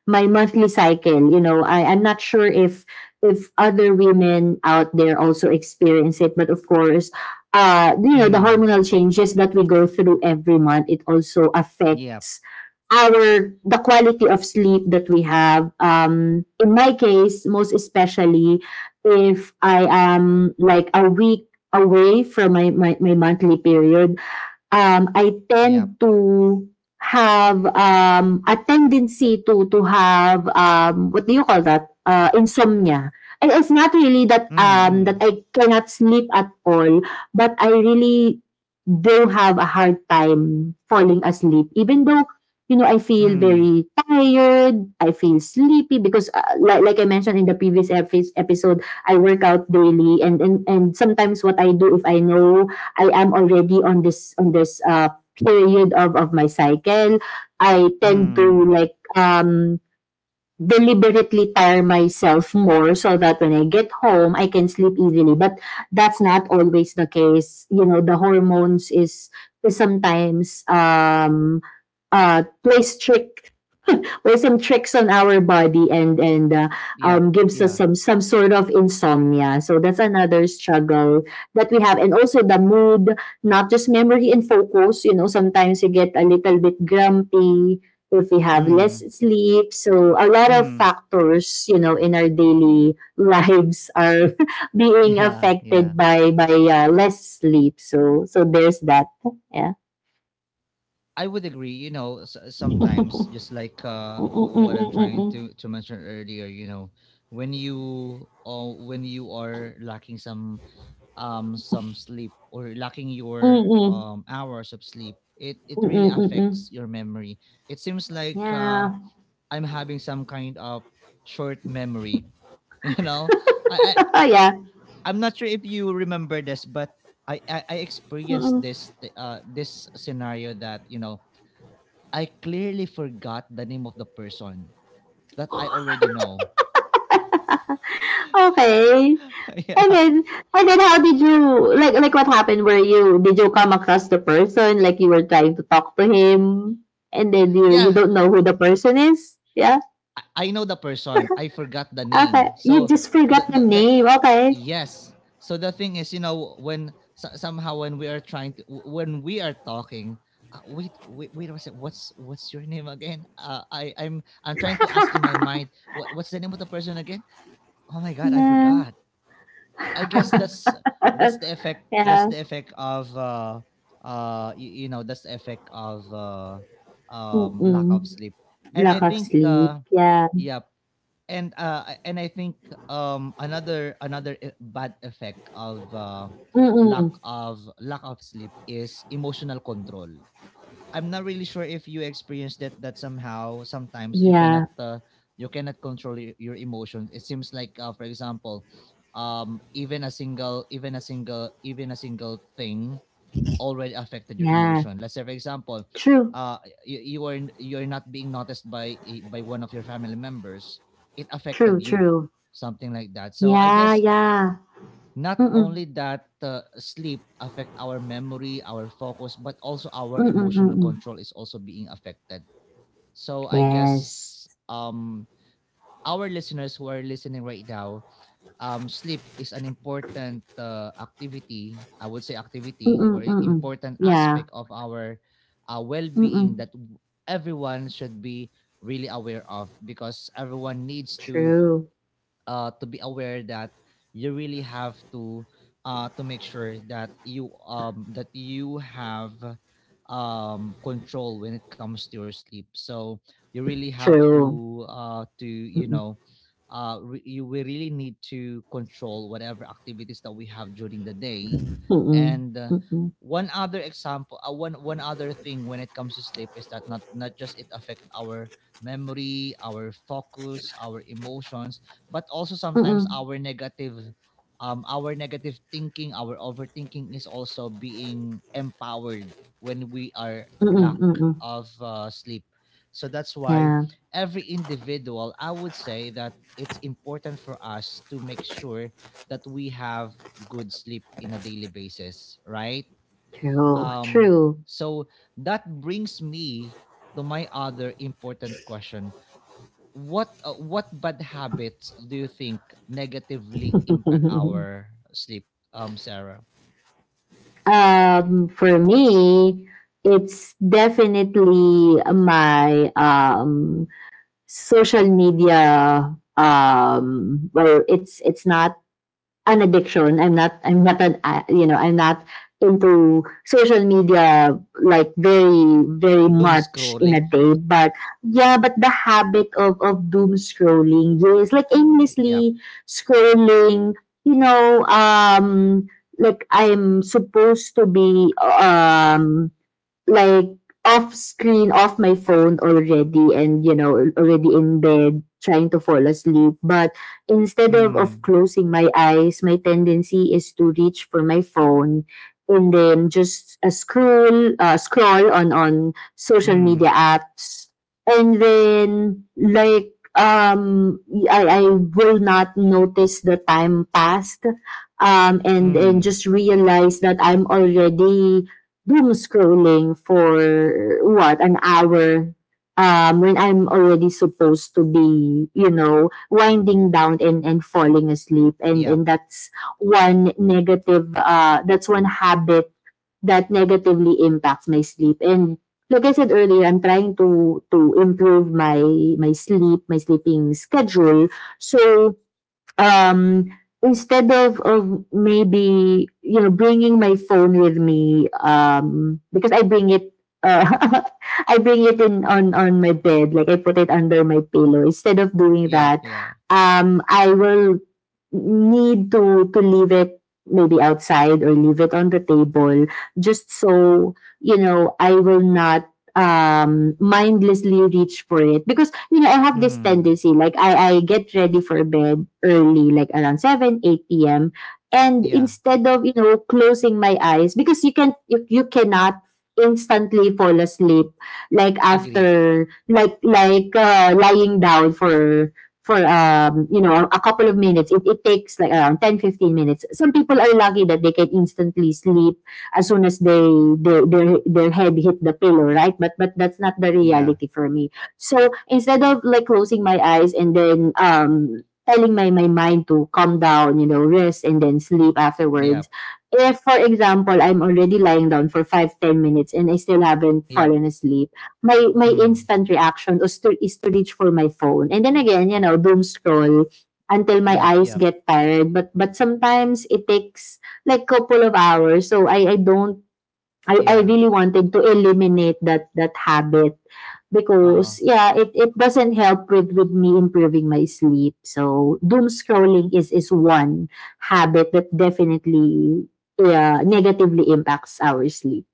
Speaker 2: my monthly cycle. You know, I, I'm not sure if if other women out there also experience it, but of course, uh, you know, the
Speaker 1: Mm.
Speaker 2: hormonal changes that we go through every month, it also
Speaker 1: Yep,
Speaker 2: affects our the quality of sleep that we have. Um, in my case, most especially if I am like a week away from my, my, my monthly period, um, I
Speaker 1: yep.
Speaker 2: tend to have, um, a tendency to to have, um, what do you call that? Uh, insomnia. And it's not really that
Speaker 1: Mm, mm.
Speaker 2: um, that I cannot sleep at all, but I really do have a hard time falling asleep, even though, you know I feel
Speaker 1: Mm,
Speaker 2: very tired. I feel sleepy because, uh, like, like I mentioned in the previous epi- episode, I work out daily, and, and and sometimes what I do, if I know I am already on this, on this uh period of of my cycle. I tend to,
Speaker 1: mm.
Speaker 2: like, um deliberately tire myself more, so that when I get home I can sleep easily. But that's not always the case. You know, the hormones is is sometimes, um uh play strict, there's some tricks on our body, and and uh,
Speaker 1: Yep.
Speaker 2: um, gives us
Speaker 1: Yeah.
Speaker 2: some some sort of insomnia. So that's another struggle that we have, and also the mood, not just memory and focus. You know, sometimes you get a little bit grumpy if we have less
Speaker 1: Mm,
Speaker 2: sleep. So a lot of
Speaker 1: mm,
Speaker 2: factors, you know, in our daily lives are *laughs* being
Speaker 1: yeah, yeah.
Speaker 2: affected by by, uh, less sleep. So so there's that. Yeah.
Speaker 1: I would agree. You know, s- sometimes just like, uh, w- what I'm trying
Speaker 2: Mm-mm-mm-mm-mm.
Speaker 1: to to mention earlier. You know, when you uh, when you are lacking some, um some sleep, or lacking your,
Speaker 2: Mm-mm.
Speaker 1: um hours of sleep, it it really
Speaker 2: Mm-mm-mm-mm.
Speaker 1: affects your memory. It seems like, uh,
Speaker 2: Yeah.
Speaker 1: I'm having some kind of short memory. *laughs* You know, I,
Speaker 2: Oh, yeah.
Speaker 1: I'm not sure if you remember this, but I I, I experienced
Speaker 2: Mm-mm.
Speaker 1: this, th- uh this scenario, that, you know, I clearly forgot the name of the person that I already know.
Speaker 2: Okay.
Speaker 1: *laughs*
Speaker 2: And
Speaker 1: Yeah.
Speaker 2: then and then how did you, like like, what happened, were you did you come across the person, like you were trying to talk to him, and then you you
Speaker 1: Yeah,
Speaker 2: don't know who the person is? Yeah.
Speaker 1: I, I know the person. I forgot the
Speaker 2: Okay.
Speaker 1: name.
Speaker 2: You
Speaker 1: So
Speaker 2: just
Speaker 1: the
Speaker 2: forgot the
Speaker 1: the, the
Speaker 2: name. Okay.
Speaker 1: yes. So the thing is, you know, when, so, somehow when we are, trying to w- when we are talking. Uh, wait, wait, wait a second. What's what's your name again? Uh, I I'm I'm trying to ask in my mind, what what's the name of the person again? Oh my god, I
Speaker 2: Yeah.
Speaker 1: forgot. I guess that's, that's the effect that's
Speaker 2: Yeah.
Speaker 1: the effect of, uh uh you, you know, that's the effect of uh um lack of
Speaker 2: Mm-mm.
Speaker 1: sleep. And I
Speaker 2: Lack of
Speaker 1: think,
Speaker 2: sleep.
Speaker 1: uh
Speaker 2: Yeah.
Speaker 1: yep. And, uh I- and I think, um another another, e- bad effect of, uh lack
Speaker 2: Mm-mm.
Speaker 1: of lack of sleep is emotional control. I'm not really sure if you experience that, that somehow sometimes, you cannot
Speaker 2: Yeah.
Speaker 1: uh, you cannot control your, your emotions. It seems like, uh, for example, um even a single even a single even a single thing already affected your
Speaker 2: Yeah.
Speaker 1: emotion. Let's say, for example,
Speaker 2: True.
Speaker 1: uh you, you are you're not being noticed by, eh, by one of your family members. It
Speaker 2: True.
Speaker 1: affected you.
Speaker 2: True.
Speaker 1: Something like that. So I
Speaker 2: Yeah.
Speaker 1: guess,
Speaker 2: Yeah.
Speaker 1: not
Speaker 2: Mm-mm.
Speaker 1: only that, uh, sleep affect our memory, our focus, but also our
Speaker 2: Mm-mm.
Speaker 1: emotional
Speaker 2: Mm-mm.
Speaker 1: control is also being affected. So I
Speaker 2: Yes.
Speaker 1: guess, um our listeners who are listening right now, um sleep is an important, uh, activity. I would say activity,
Speaker 2: Mm-mm,
Speaker 1: or, i-
Speaker 2: mm-mm.
Speaker 1: important
Speaker 2: Yeah.
Speaker 1: aspect of our, uh, well-being,
Speaker 2: Mm-mm.
Speaker 1: that, w- everyone should be really aware of, because everyone needs to,
Speaker 2: True.
Speaker 1: uh, to be aware that you really have to, uh, to make sure that you, um that you have, um control when it comes to your sleep. So you really have
Speaker 2: True.
Speaker 1: to, uh to, you
Speaker 2: Mm-mm,
Speaker 1: know, uh re- you we really need to control whatever activities that we have during the day,
Speaker 2: mm-mm,
Speaker 1: and, uh,
Speaker 2: mm-mm,
Speaker 1: one other example uh, one one other thing when it comes to sleep is that, not not just it affect our memory, our focus, our emotions, but also sometimes
Speaker 2: mm-mm,
Speaker 1: our negative, um our negative thinking, our overthinking, is also being empowered when we are
Speaker 2: mm-mm,
Speaker 1: lack
Speaker 2: mm-mm.
Speaker 1: of, uh, sleep. So that's why,
Speaker 2: Yeah.
Speaker 1: every individual, I would say that it's important for us to make sure that we have good sleep in a daily basis, right?
Speaker 2: True.
Speaker 1: Um,
Speaker 2: True.
Speaker 1: so that brings me to my other important question. What uh, what bad habits do you think negatively impact
Speaker 2: *laughs*
Speaker 1: our sleep, um, Sarah?
Speaker 2: Um, for me, it's definitely my um social media, um well, it's it's not an addiction. I'm not. I'm not an. uh, You know. I'm not into social media like very, very
Speaker 1: Doom
Speaker 2: much in a
Speaker 1: scrolling.
Speaker 2: day. But yeah. But the habit of of doom scrolling. Yes. Like
Speaker 1: Yep.
Speaker 2: aimlessly scrolling. You know. Um. Like I'm supposed to be. Um like off screen, off my phone already, and, you know, already in bed trying to fall asleep. But instead of, of
Speaker 1: Mm,
Speaker 2: closing my eyes, my tendency is to reach for my phone, and then just uh, scroll, uh, scroll on on social
Speaker 1: mm,
Speaker 2: media apps, and then, like, um I, I will not notice the time passed, um and and
Speaker 1: mm.
Speaker 2: just realize that I'm already doom scrolling for, what, an hour, um when I'm already supposed to be, you know winding down and and falling asleep. And and
Speaker 1: Yep.
Speaker 2: that's one negative uh that's one habit that negatively impacts my sleep. And, like I said earlier, I'm trying to to improve my my sleep my sleeping schedule. So, um instead of of, maybe, you know bringing my phone with me, um because I bring it uh, *laughs* i bring it in on on my bed, like i put it under my pillow. Instead of doing
Speaker 1: Yep.
Speaker 2: that,
Speaker 1: Yeah.
Speaker 2: um i will need to to leave it maybe outside, or leave it on the table, just so, you know i will not um mindlessly reach for it, because, you know i have this
Speaker 1: Mm.
Speaker 2: tendency. Like, i i get ready for bed early, like around seven eight p m, and
Speaker 1: Yeah.
Speaker 2: instead of, you know closing my eyes, because you can you, you cannot instantly fall asleep, like
Speaker 1: Agreed.
Speaker 2: after like like uh, lying down for for, um you know a couple of minutes, it, it takes like around ten fifteen minutes. Some people are lucky that they can instantly sleep as soon as they, they their their head hit the pillow, right? But but that's not the
Speaker 1: Yeah.
Speaker 2: reality for me. So, instead of, like, closing my eyes and then, um telling my my mind to calm down, you know rest, and then sleep afterwards,
Speaker 1: Yep.
Speaker 2: if, for example, I'm already lying down for five ten minutes and I still haven't
Speaker 1: Yep.
Speaker 2: fallen asleep, my my
Speaker 1: Mm.
Speaker 2: instant reaction is to is to reach for my phone. And then again, you know, doom scroll until my
Speaker 1: Yep.
Speaker 2: eyes
Speaker 1: Yep.
Speaker 2: get tired. But but sometimes it takes like couple of hours. So I I don't. I, I
Speaker 1: Yeah.
Speaker 2: really wanted to eliminate that that habit
Speaker 1: Uh.
Speaker 2: because yeah, it, it doesn't help with, with me improving my sleep. So doom scrolling is is one habit that definitely, yeah, negatively impacts our sleep.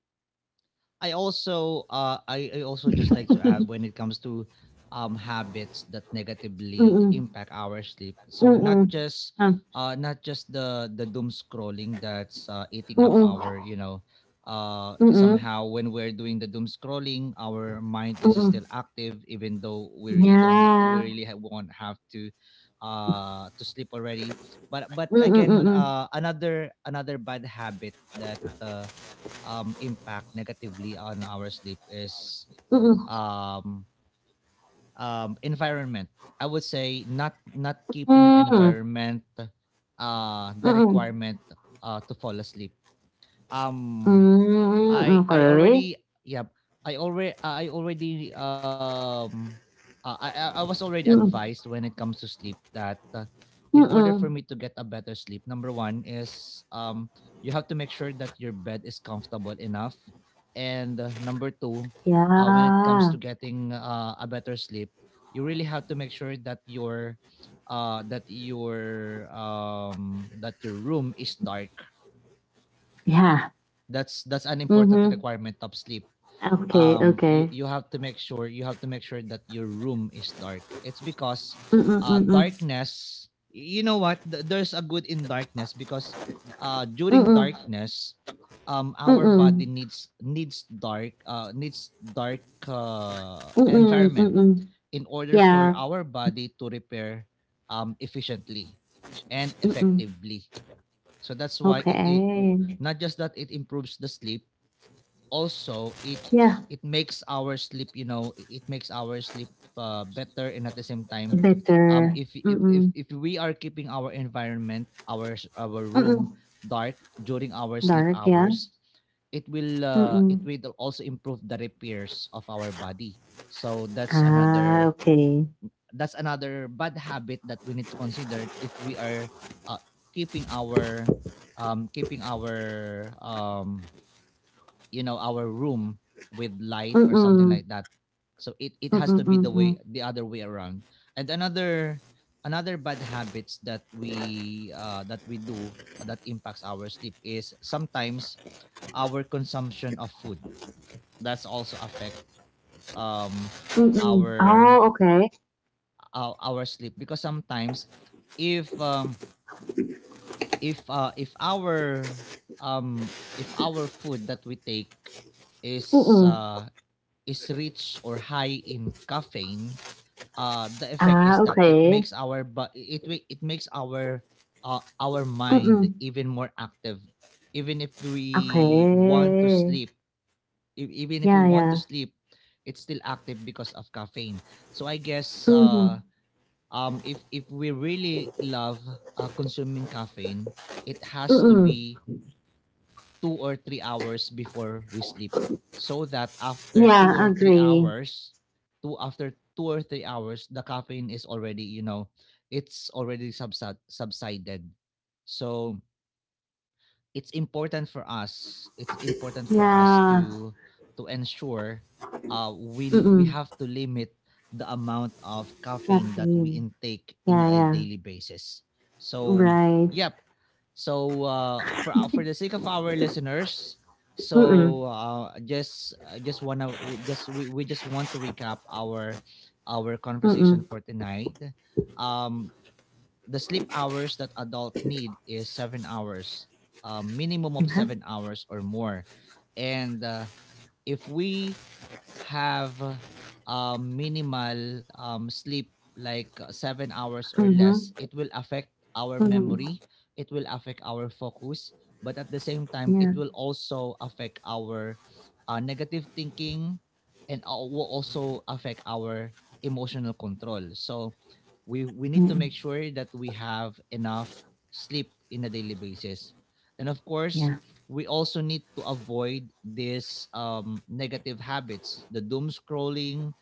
Speaker 1: I also, uh I, I also just like to add, when it comes to, um habits that negatively
Speaker 2: Mm-mm.
Speaker 1: impact our sleep. So not
Speaker 2: Mm-mm.
Speaker 1: just,
Speaker 2: Ah.
Speaker 1: uh not just the the doom scrolling, that's, uh, eating up
Speaker 2: Mm-mm.
Speaker 1: our, you know. Uh
Speaker 2: Mm,
Speaker 1: somehow when we're doing the doom scrolling, our mind is
Speaker 2: mm,
Speaker 1: still active, even though we really don't, we
Speaker 2: yeah.
Speaker 1: really ha- won't have to, uh to sleep already. But, but
Speaker 2: Mm, mm,
Speaker 1: again,
Speaker 2: mm.
Speaker 1: uh another another bad habit that, uh um, impact negatively on our sleep, is,
Speaker 2: Mm,
Speaker 1: um, um, environment. I would say, not not keeping your environment, uh, the
Speaker 2: Mm-mm.
Speaker 1: requirement, uh, to fall asleep. Um,
Speaker 2: Mm. Hmm,
Speaker 1: I I
Speaker 2: okay.
Speaker 1: already Yeah. I already I already, um uh, I I I was already advised
Speaker 2: Mm,
Speaker 1: when it comes to sleep that, uh, in order for
Speaker 2: mm.
Speaker 1: me to get a better sleep, number one is, um you have to make sure that your bed is comfortable enough, and, uh, number two, uh, when it comes to
Speaker 2: Yeah.
Speaker 1: getting, uh, a better sleep, you really have to make sure that your, uh that your um that your room is dark.
Speaker 2: Yeah.
Speaker 1: That's that's an important
Speaker 2: Mhm.
Speaker 1: requirement of sleep.
Speaker 2: Okay,
Speaker 1: um you
Speaker 2: okay.
Speaker 1: you have to make sure, you have to make sure that your room is dark. It's because,
Speaker 2: Mm,
Speaker 1: uh
Speaker 2: mm,
Speaker 1: darkness, you know what? Th- there's a good in darkness, because, uh during
Speaker 2: mm.
Speaker 1: darkness, um our body
Speaker 2: Mm,
Speaker 1: needs, needs dark uh needs dark, uh
Speaker 2: mm,
Speaker 1: environment,
Speaker 2: mm.
Speaker 1: in order for
Speaker 2: Yeah.
Speaker 1: our body to repair, um efficiently and
Speaker 2: Mm,
Speaker 1: effectively. So that's why, it, it w-
Speaker 2: okay.
Speaker 1: not just that it improves the sleep, also it
Speaker 2: Yeah.
Speaker 1: it makes our sleep, you know, I- it makes our sleep uh, better, and at the same time, um
Speaker 2: Better.
Speaker 1: if if if,
Speaker 2: Mm,
Speaker 1: if we are keeping our environment, our s- our room
Speaker 2: mm.
Speaker 1: dark during our sleep
Speaker 2: Dark, yeah.
Speaker 1: hours, it will uh, it
Speaker 2: Mm.
Speaker 1: will also improve the repairs of our body. So that's
Speaker 2: Ah,
Speaker 1: another
Speaker 2: okay.
Speaker 1: that's another bad habit that we need to consider if we are, uh, keeping our, um keeping our um you know, our room with light
Speaker 2: Mm,
Speaker 1: or something
Speaker 2: mm,
Speaker 1: like that, so it it
Speaker 2: mm,
Speaker 1: has to be the
Speaker 2: mm,
Speaker 1: way the other way around. And another another bad habits that we, uh that we do, that impacts our sleep, is sometimes our consumption of food. That's also affect, um
Speaker 2: Mm-mm.
Speaker 1: our
Speaker 2: Oh, okay.
Speaker 1: our, our sleep, because sometimes, if um if uh if our, um if our food that we take is,
Speaker 2: Mm-mm.
Speaker 1: uh is rich or high in caffeine, uh, the effect is
Speaker 2: Ah,
Speaker 1: that, it
Speaker 2: okay.
Speaker 1: makes our but it wi- it makes our, uh, our mind
Speaker 2: Mm-mm.
Speaker 1: even more active. Even if we want to
Speaker 2: Okay.
Speaker 1: sleep, e- even if we
Speaker 2: Yeah,
Speaker 1: want to
Speaker 2: yeah.
Speaker 1: sleep, it's still active because of caffeine. So I guess,
Speaker 2: Mm-hmm.
Speaker 1: uh, um, if if we really love uh, consuming caffeine, it has to
Speaker 2: Mm-mm.
Speaker 1: be two or three hours before we sleep so that after two or
Speaker 2: Yeah,
Speaker 1: three
Speaker 2: agree.
Speaker 1: hours two after two or three hours the caffeine is already you know it's already subside, subsided. So it's important for us it's important for us
Speaker 2: Yeah.
Speaker 1: to to ensure uh we we
Speaker 2: Mm-mm.
Speaker 1: have to limit the amount of caffeine
Speaker 2: That's
Speaker 1: that we
Speaker 2: mean.
Speaker 1: intake in
Speaker 2: Yeah,
Speaker 1: a
Speaker 2: yeah.
Speaker 1: daily basis. So
Speaker 2: Right.
Speaker 1: yep. So uh for our- for the sake of our listeners,
Speaker 2: Mm-mm.
Speaker 1: so uh just uh, just wanna just we, we just want to recap our our conversation for
Speaker 2: Mm-mm.
Speaker 1: tonight. Um the sleep hours that adult need is seven hours, a minimum of
Speaker 2: Mm-hmm.
Speaker 1: seven hours or more. And uh, if we have um, minimal um, sleep, like uh, seven hours or less,
Speaker 2: Mm-hmm.
Speaker 1: it will affect our
Speaker 2: Mm-hmm.
Speaker 1: memory, it will affect our focus, but at the same time, it
Speaker 2: Yeah.
Speaker 1: will also affect our uh, negative thinking, and al- will also affect our emotional control. So we, we need to
Speaker 2: Mm-mm.
Speaker 1: make sure that we have enough sleep in a daily basis. And of course,
Speaker 2: Yeah.
Speaker 1: we also need to avoid these um, negative habits: the doom scrolling,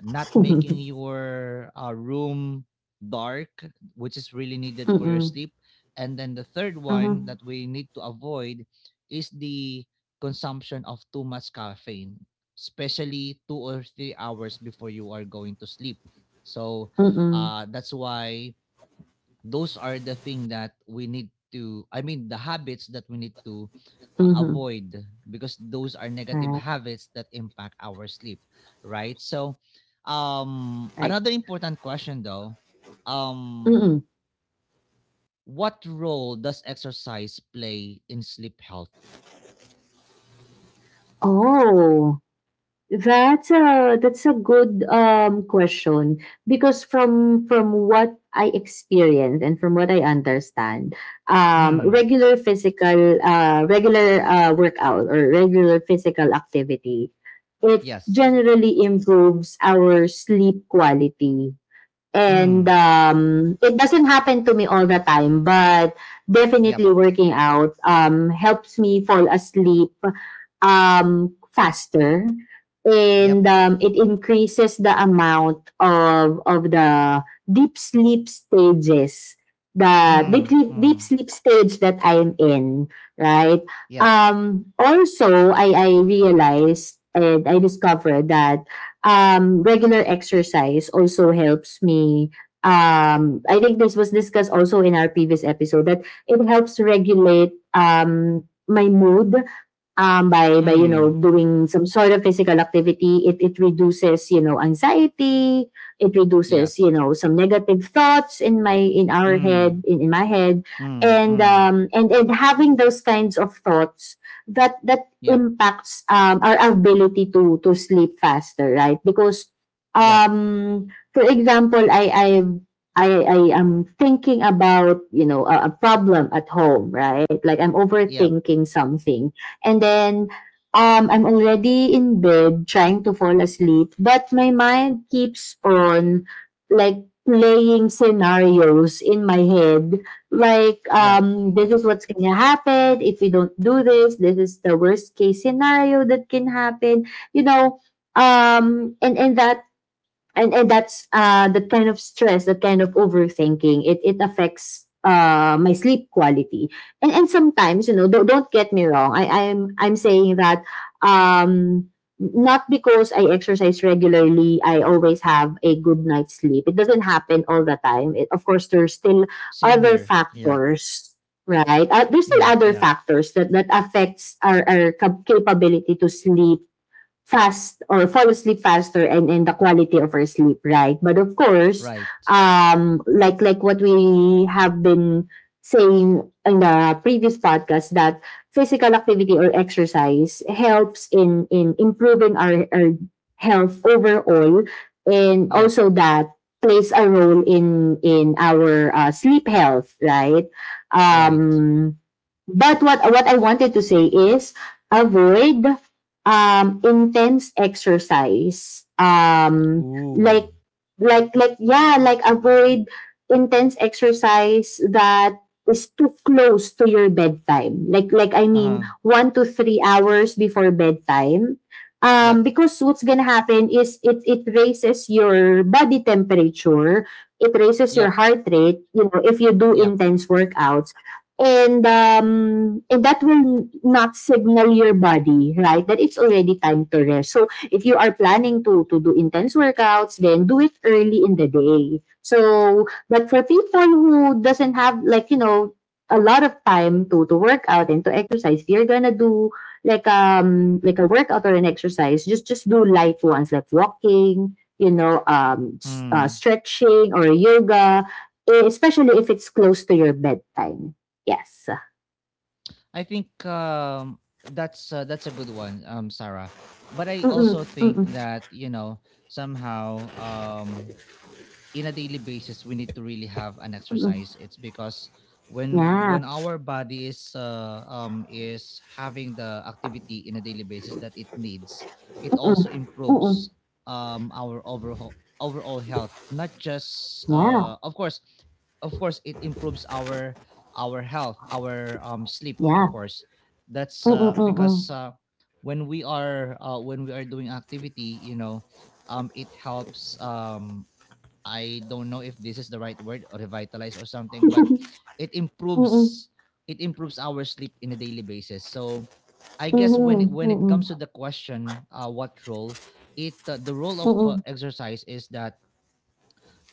Speaker 1: not making
Speaker 2: *laughs*
Speaker 1: your uh, room dark, which is really needed for your
Speaker 2: Mm-mm.
Speaker 1: sleep, and then the third one that
Speaker 2: Mm-hmm.
Speaker 1: we need to avoid is the consumption of too much caffeine, especially two or three hours before you are going to sleep. So
Speaker 2: Mm-mm.
Speaker 1: uh, that's why those are the thing that we need to I mean the habits that we need to a-
Speaker 2: Mm-hmm.
Speaker 1: avoid, because those are negative
Speaker 2: Right.
Speaker 1: habits that impact our sleep, right? So um
Speaker 2: Right.
Speaker 1: another important question, though.
Speaker 2: Mm-mm.
Speaker 1: um what role does exercise play in sleep health?
Speaker 2: Oh. That's a that's a good um question, because from from what I experience and from what I understand, um
Speaker 1: Mm,
Speaker 2: regular physical, uh regular, uh workout or regular physical activity, it
Speaker 1: yes.
Speaker 2: generally improves our sleep quality. And
Speaker 1: Mm.
Speaker 2: um it doesn't happen to me all the time, but
Speaker 1: Yep.
Speaker 2: definitely working out um helps me fall asleep, um, faster,
Speaker 1: Yep.
Speaker 2: and um, it increases the amount of of the deep sleep stages, the deep,
Speaker 1: Mm.
Speaker 2: deep, deep
Speaker 1: Mm.
Speaker 2: sleep stage that I'm in, right.
Speaker 1: Yep.
Speaker 2: Um also, i i realized and I discovered that um regular exercise also helps me. um I think this was discussed also in our previous episode, that it helps regulate um my mood, um, by, by you know
Speaker 1: Mm.
Speaker 2: doing some sort of physical activity. It it reduces, you know anxiety. It
Speaker 1: Yep.
Speaker 2: reduces, you know some negative thoughts in my in our head
Speaker 1: Mm.
Speaker 2: in, in my head.
Speaker 1: Mm.
Speaker 2: And
Speaker 1: Mm.
Speaker 2: um and and having those kinds of thoughts, that that
Speaker 1: Yep.
Speaker 2: impacts um our ability to to sleep faster, right? Because,
Speaker 1: Yep.
Speaker 2: um for example, i i I, I am thinking about, you know a, a problem at home, right? Like I'm
Speaker 1: Yep.
Speaker 2: overthinking something. And then, um, I'm already in bed trying to fall asleep, but my mind keeps on like playing scenarios in my head, like,
Speaker 1: Yep.
Speaker 2: um this is what's gonna happen if we don't do this, this is the worst case scenario that can happen you know um and and that and and that's, uh that kind of stress, that kind of overthinking, it it affects uh my sleep quality. And and sometimes, you know don't, don't get me wrong, i i'm i'm saying that, um not because I exercise regularly, I always have a good night's sleep. It doesn't happen all the time. It, of course, there's still
Speaker 1: Same
Speaker 2: other
Speaker 1: here. Yep.
Speaker 2: factors, right? Uh, there's still
Speaker 1: Yep.
Speaker 2: other
Speaker 1: Yep.
Speaker 2: factors that that affects our, our cap- capability to sleep fast or fall asleep faster, and in the quality of our sleep, right? But of course,
Speaker 1: Right.
Speaker 2: um, like, like what we have been saying in the previous podcast, that physical activity or exercise helps in in improving our, our health overall, and
Speaker 1: Yep.
Speaker 2: also that plays a role in in our, uh, sleep health, right.
Speaker 1: Right.
Speaker 2: um but what what I wanted to say is, avoid, um, intense exercise. Um,
Speaker 1: Ooh.
Speaker 2: like, like, like, yeah, like avoid intense exercise that is too close to your bedtime. Like, like, I mean,
Speaker 1: Uh-huh.
Speaker 2: one to three hours before bedtime. Um,
Speaker 1: Yep.
Speaker 2: because what's gonna happen is, it, it raises your body temperature, it raises your
Speaker 1: Yep.
Speaker 2: heart rate, you know, if you do
Speaker 1: Yep.
Speaker 2: intense workouts. And um, and that will not signal your body, right? That it's already time to rest. So if you are planning to to do intense workouts, then do it early in the day. So, but for people who doesn't have, like, you know a lot of time to to work out and to exercise, if you're gonna do, like um like, a workout or an exercise, just just do light ones, like walking, you know, um s- uh,
Speaker 1: Hmm.
Speaker 2: stretching or yoga, eh, especially if it's close to your bedtime. Yes.
Speaker 1: I think um that's uh, that's a good one, um Sarah. But I
Speaker 2: Mm-mm,
Speaker 1: also think
Speaker 2: mm-mm,
Speaker 1: that, you know, somehow um in a daily basis we need to really have an
Speaker 2: mm-mm.
Speaker 1: exercise. It's because when
Speaker 2: Yeah.
Speaker 1: when our body is uh, um is having the activity in a daily basis that it needs, it
Speaker 2: Mm-mm,
Speaker 1: also
Speaker 2: mm-mm.
Speaker 1: improves um our overall overall health, not just
Speaker 2: Yeah.
Speaker 1: uh of course, of course it improves our our health, our um sleep,
Speaker 2: Yeah.
Speaker 1: of course. That's
Speaker 2: Mm-mm,
Speaker 1: uh because
Speaker 2: mm-mm.
Speaker 1: uh when we are uh when we are doing activity, you know, um it helps, um I don't know if this is the right word, or revitalize or something, but it
Speaker 2: Mm-mm.
Speaker 1: improves it improves our sleep in a daily basis. So I guess when it-
Speaker 2: Mm-mm,
Speaker 1: when it comes to
Speaker 2: mm-mm.
Speaker 1: the question, uh, what role it uh, the role of uh,
Speaker 2: Mm-mm.
Speaker 1: exercise is that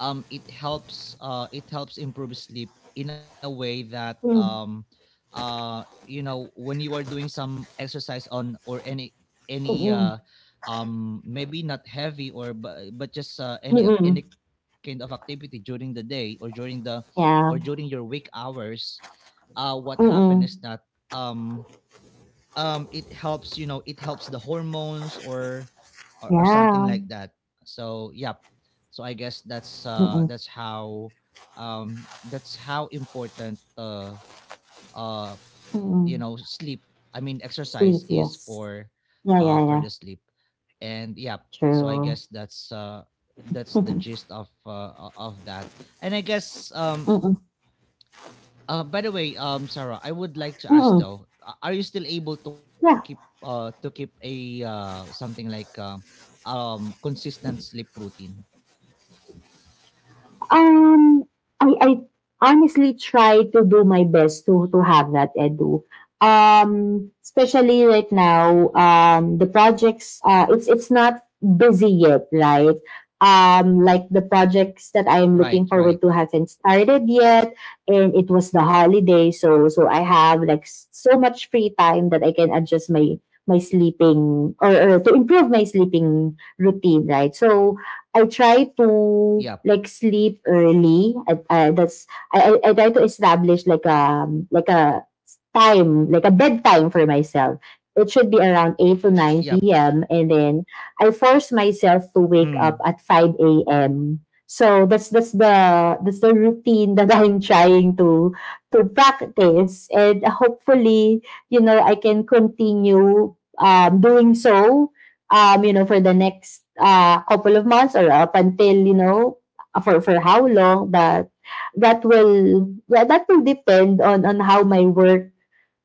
Speaker 1: um it helps, uh it helps improve sleep in a way that um
Speaker 2: Mm,
Speaker 1: uh you know when you are doing some exercise on or any any uh
Speaker 2: Mm-mm.
Speaker 1: um maybe not heavy, or but, but just uh, any ac- any
Speaker 2: Mm-mm.
Speaker 1: kind of activity during the day or during the or during
Speaker 2: Yeah.
Speaker 1: your wake hours. uh what happened is that
Speaker 2: Mm-mm.
Speaker 1: um um it helps, you know, it helps the hormones, or or, or something
Speaker 2: Yeah.
Speaker 1: like that. So yeah, so I guess that's uh
Speaker 2: Mm-mm.
Speaker 1: that's how, um that's how important, uh uh you
Speaker 2: Mm-mm.
Speaker 1: know, sleep, I mean
Speaker 2: Sleep,
Speaker 1: exercise is
Speaker 2: yes.
Speaker 1: for
Speaker 2: Yeah,
Speaker 1: uh
Speaker 2: yeah,
Speaker 1: for
Speaker 2: yeah.
Speaker 1: the sleep. And yeah, so I
Speaker 2: True.
Speaker 1: guess that's uh
Speaker 2: *laughs*
Speaker 1: that's the
Speaker 2: Mm-mm.
Speaker 1: gist of uh o- of that. And I guess, um
Speaker 2: Mm-mm.
Speaker 1: uh, by the way, um, Sarah, I would like to ask though, a- are you still able to keep
Speaker 2: Yeah.
Speaker 1: uh to keep a uh something like um um consistent sleep routine?
Speaker 2: Um, I I honestly try to do my best to to have that, Edu. Um, especially right now, um, the projects, uh, it's it's not busy yet, right? Um, like, the projects that I am
Speaker 1: Right,
Speaker 2: looking forward
Speaker 1: right.
Speaker 2: to haven't started yet, and it was the holiday, so so I have, like, s- so much free time that I can adjust my my sleeping, or, or to improve my sleeping routine, right? So I try to,
Speaker 1: Yep,
Speaker 2: like, sleep early. I, I that's I, I I try to establish, like um like, a time, like a bedtime for myself. It should be around eight to nine
Speaker 1: yep.
Speaker 2: p.m. and then I force myself to wake
Speaker 1: Mm,
Speaker 2: up at five a m. So that's that's the that's the routine *laughs* that I'm trying to to practice, and hopefully, you know I can continue, um, doing so, um, you know, for the next, uh, couple of months, or up until, you know, for for how long that that will yeah, that will depend on on how my work,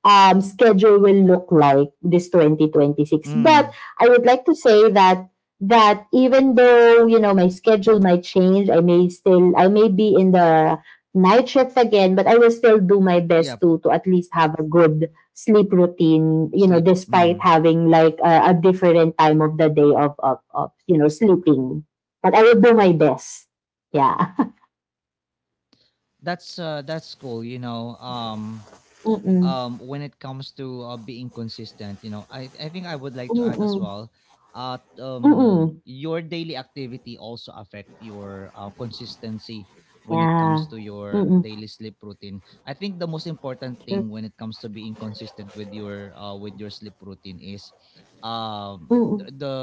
Speaker 2: um, schedule will look like this twenty twenty-six. But
Speaker 1: mm.
Speaker 2: I would like to say that, that even though, you know my schedule might change, I may still I may be in the night shift again, but I will still do my best
Speaker 1: Yep.
Speaker 2: to to at least have a good sleep routine. You know,
Speaker 1: Sleep.
Speaker 2: despite
Speaker 1: Mm.
Speaker 2: having, like, a, a different time of the day, of, of of you know sleeping, but I will do my best. Yeah. *laughs*
Speaker 1: That's uh that's cool. You know, um,
Speaker 2: Mm,
Speaker 1: um when it comes to uh, being consistent, you know, i i think I would like to
Speaker 2: mm,
Speaker 1: add as
Speaker 2: mm,
Speaker 1: well. uh
Speaker 2: mm,
Speaker 1: um
Speaker 2: mm.
Speaker 1: your daily activity also affect your uh, consistency. When it
Speaker 2: Yeah.
Speaker 1: comes to your
Speaker 2: Mm, mm.
Speaker 1: daily sleep routine, I think the most important
Speaker 2: True.
Speaker 1: thing when it comes to being consistent with your uh with your sleep routine is, um
Speaker 2: Mm,
Speaker 1: the,
Speaker 2: mm.
Speaker 1: the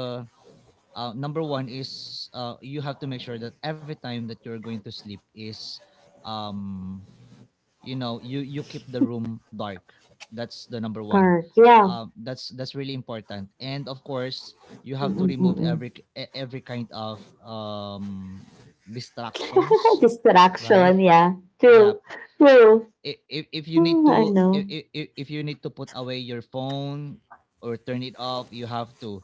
Speaker 1: uh, number one is, uh you have to make sure that every time that you're going to sleep is, um you know, you you keep the room dark. That's the number one.
Speaker 2: Park. Yeah.
Speaker 1: um that's that's really important. And of course, you have to
Speaker 2: Mm-mm,
Speaker 1: remove
Speaker 2: mm-mm.
Speaker 1: every k- e- every kind of um
Speaker 2: *laughs*
Speaker 1: distractions, right?
Speaker 2: Distraction. Yeah.
Speaker 1: Yeah.
Speaker 2: True. True.
Speaker 1: If, if you
Speaker 2: Hmm,
Speaker 1: need
Speaker 2: I
Speaker 1: to,
Speaker 2: know.
Speaker 1: if, if, if you need to put away your phone or turn it off, you have to,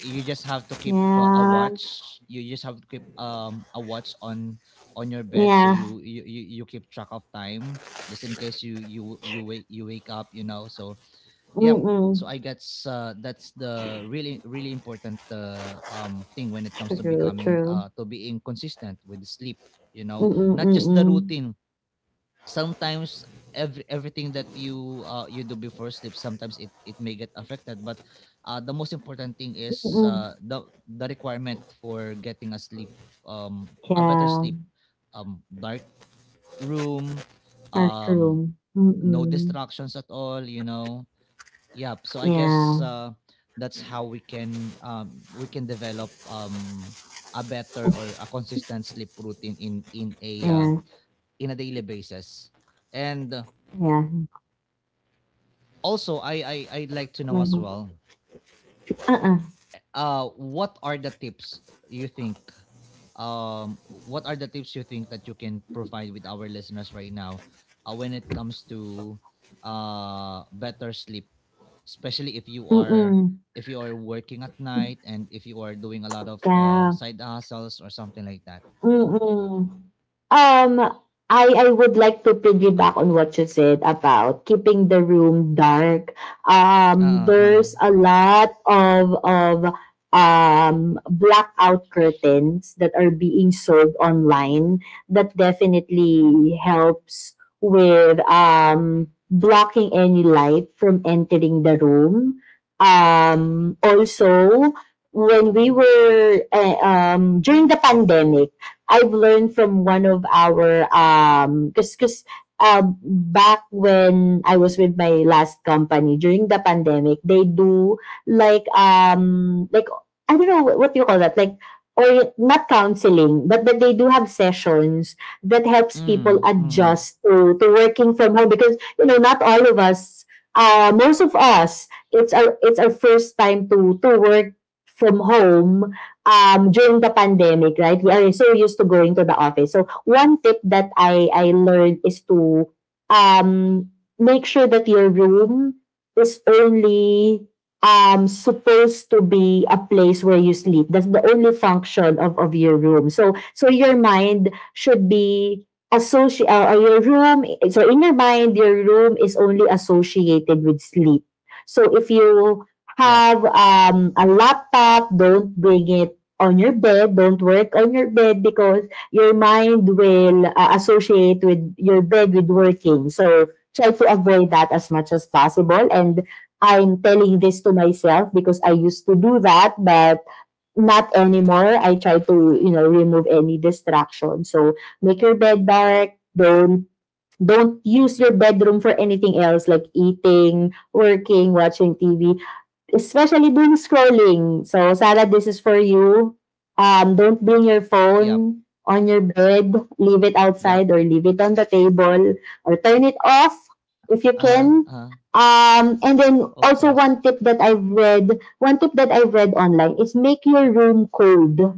Speaker 1: you just have to keep uh, a
Speaker 2: Yeah.
Speaker 1: watch you just have to keep um a watch on on your bed, so
Speaker 2: Yeah.
Speaker 1: you you you, you keep track of time, just in case you you you wake you wake up, you know. So yep.
Speaker 2: Mm-mm.
Speaker 1: So I guess, uh, that's the really really important uh, um thing when it comes to
Speaker 2: True.
Speaker 1: becoming
Speaker 2: True.
Speaker 1: uh to being consistent with sleep, you know,
Speaker 2: Mm-mm,
Speaker 1: not just the
Speaker 2: mm-mm.
Speaker 1: routine. Sometimes every, everything that you, uh, you do before sleep sometimes it it may get affected. But uh, the most important thing is,
Speaker 2: Mm-mm.
Speaker 1: uh, the the requirement for getting a sleep, um a better
Speaker 2: Yeah.
Speaker 1: sleep. Um dark room.
Speaker 2: Dark
Speaker 1: um
Speaker 2: room.
Speaker 1: no
Speaker 2: Mm-mm.
Speaker 1: distractions at all, you know. Yeah. So I guess
Speaker 2: Yeah.
Speaker 1: uh that's how we can, um we can develop um a better or a consistent sleep routine in in a uh,
Speaker 2: Yeah.
Speaker 1: in a daily basis. And uh,
Speaker 2: Yeah.
Speaker 1: also, I I I'd like to know as well.
Speaker 2: Uh-uh.
Speaker 1: Uh, what are the tips you think? Um, what are the tips you think that you can provide with our listeners right now, uh, when it comes to uh better sleep, especially if you are,
Speaker 2: Mm-mm.
Speaker 1: if you are working at night, and if you are doing a lot of uh,
Speaker 2: Yeah.
Speaker 1: side hustles or something like that.
Speaker 2: Mm-mm. Um, I I would like to piggyback on what you said about keeping the room dark.
Speaker 1: Uh
Speaker 2: Um,
Speaker 1: uh uh.
Speaker 2: there's a lot of of um blackout curtains that are being sold online, that definitely helps with um blocking any light from entering the room. Um, also, when we were, uh, um during the pandemic, I've learned from one of our, um because because, um back when I was with my last company during the pandemic, they do, like, um like, I don't know what you call that, like, or not counseling, but but they do have sessions that helps people
Speaker 1: Mm mm.
Speaker 2: adjust to, to working from home. Because, you know not all of us, uh most of us, it's our it's our first time to to work from home, um, during the pandemic, right? We are so used to going to the office. So one tip that I, I learned is to, um, make sure that your room is only, um, supposed to be a place where you sleep. That's the only function of, of your room. So, so your mind should be associated, uh, or your room, so in your mind, your room is only associated with sleep. So if you
Speaker 1: Yep
Speaker 2: have, um, a laptop, don't bring it on your bed, don't work on your bed, because your mind will, uh, associate with your bed with working. So try to avoid that as much as possible. And I'm telling this to myself because I used to do that, but not anymore. I try to, you know, remove any distraction. So make your bed dark. Don't don't use your bedroom for anything else, like eating, working, watching T V, especially during scrolling. So, Sarah, this is for you. Um, don't bring your
Speaker 1: yep
Speaker 2: phone on your bed. Leave it
Speaker 1: yep.
Speaker 2: outside, or leave it on the table, or turn it off if you
Speaker 1: Uh huh
Speaker 2: can.
Speaker 1: uh huh.
Speaker 2: Um, and then
Speaker 1: Of
Speaker 2: also,
Speaker 1: course.
Speaker 2: one tip that I've read, one tip that I've read online is, make your room cold.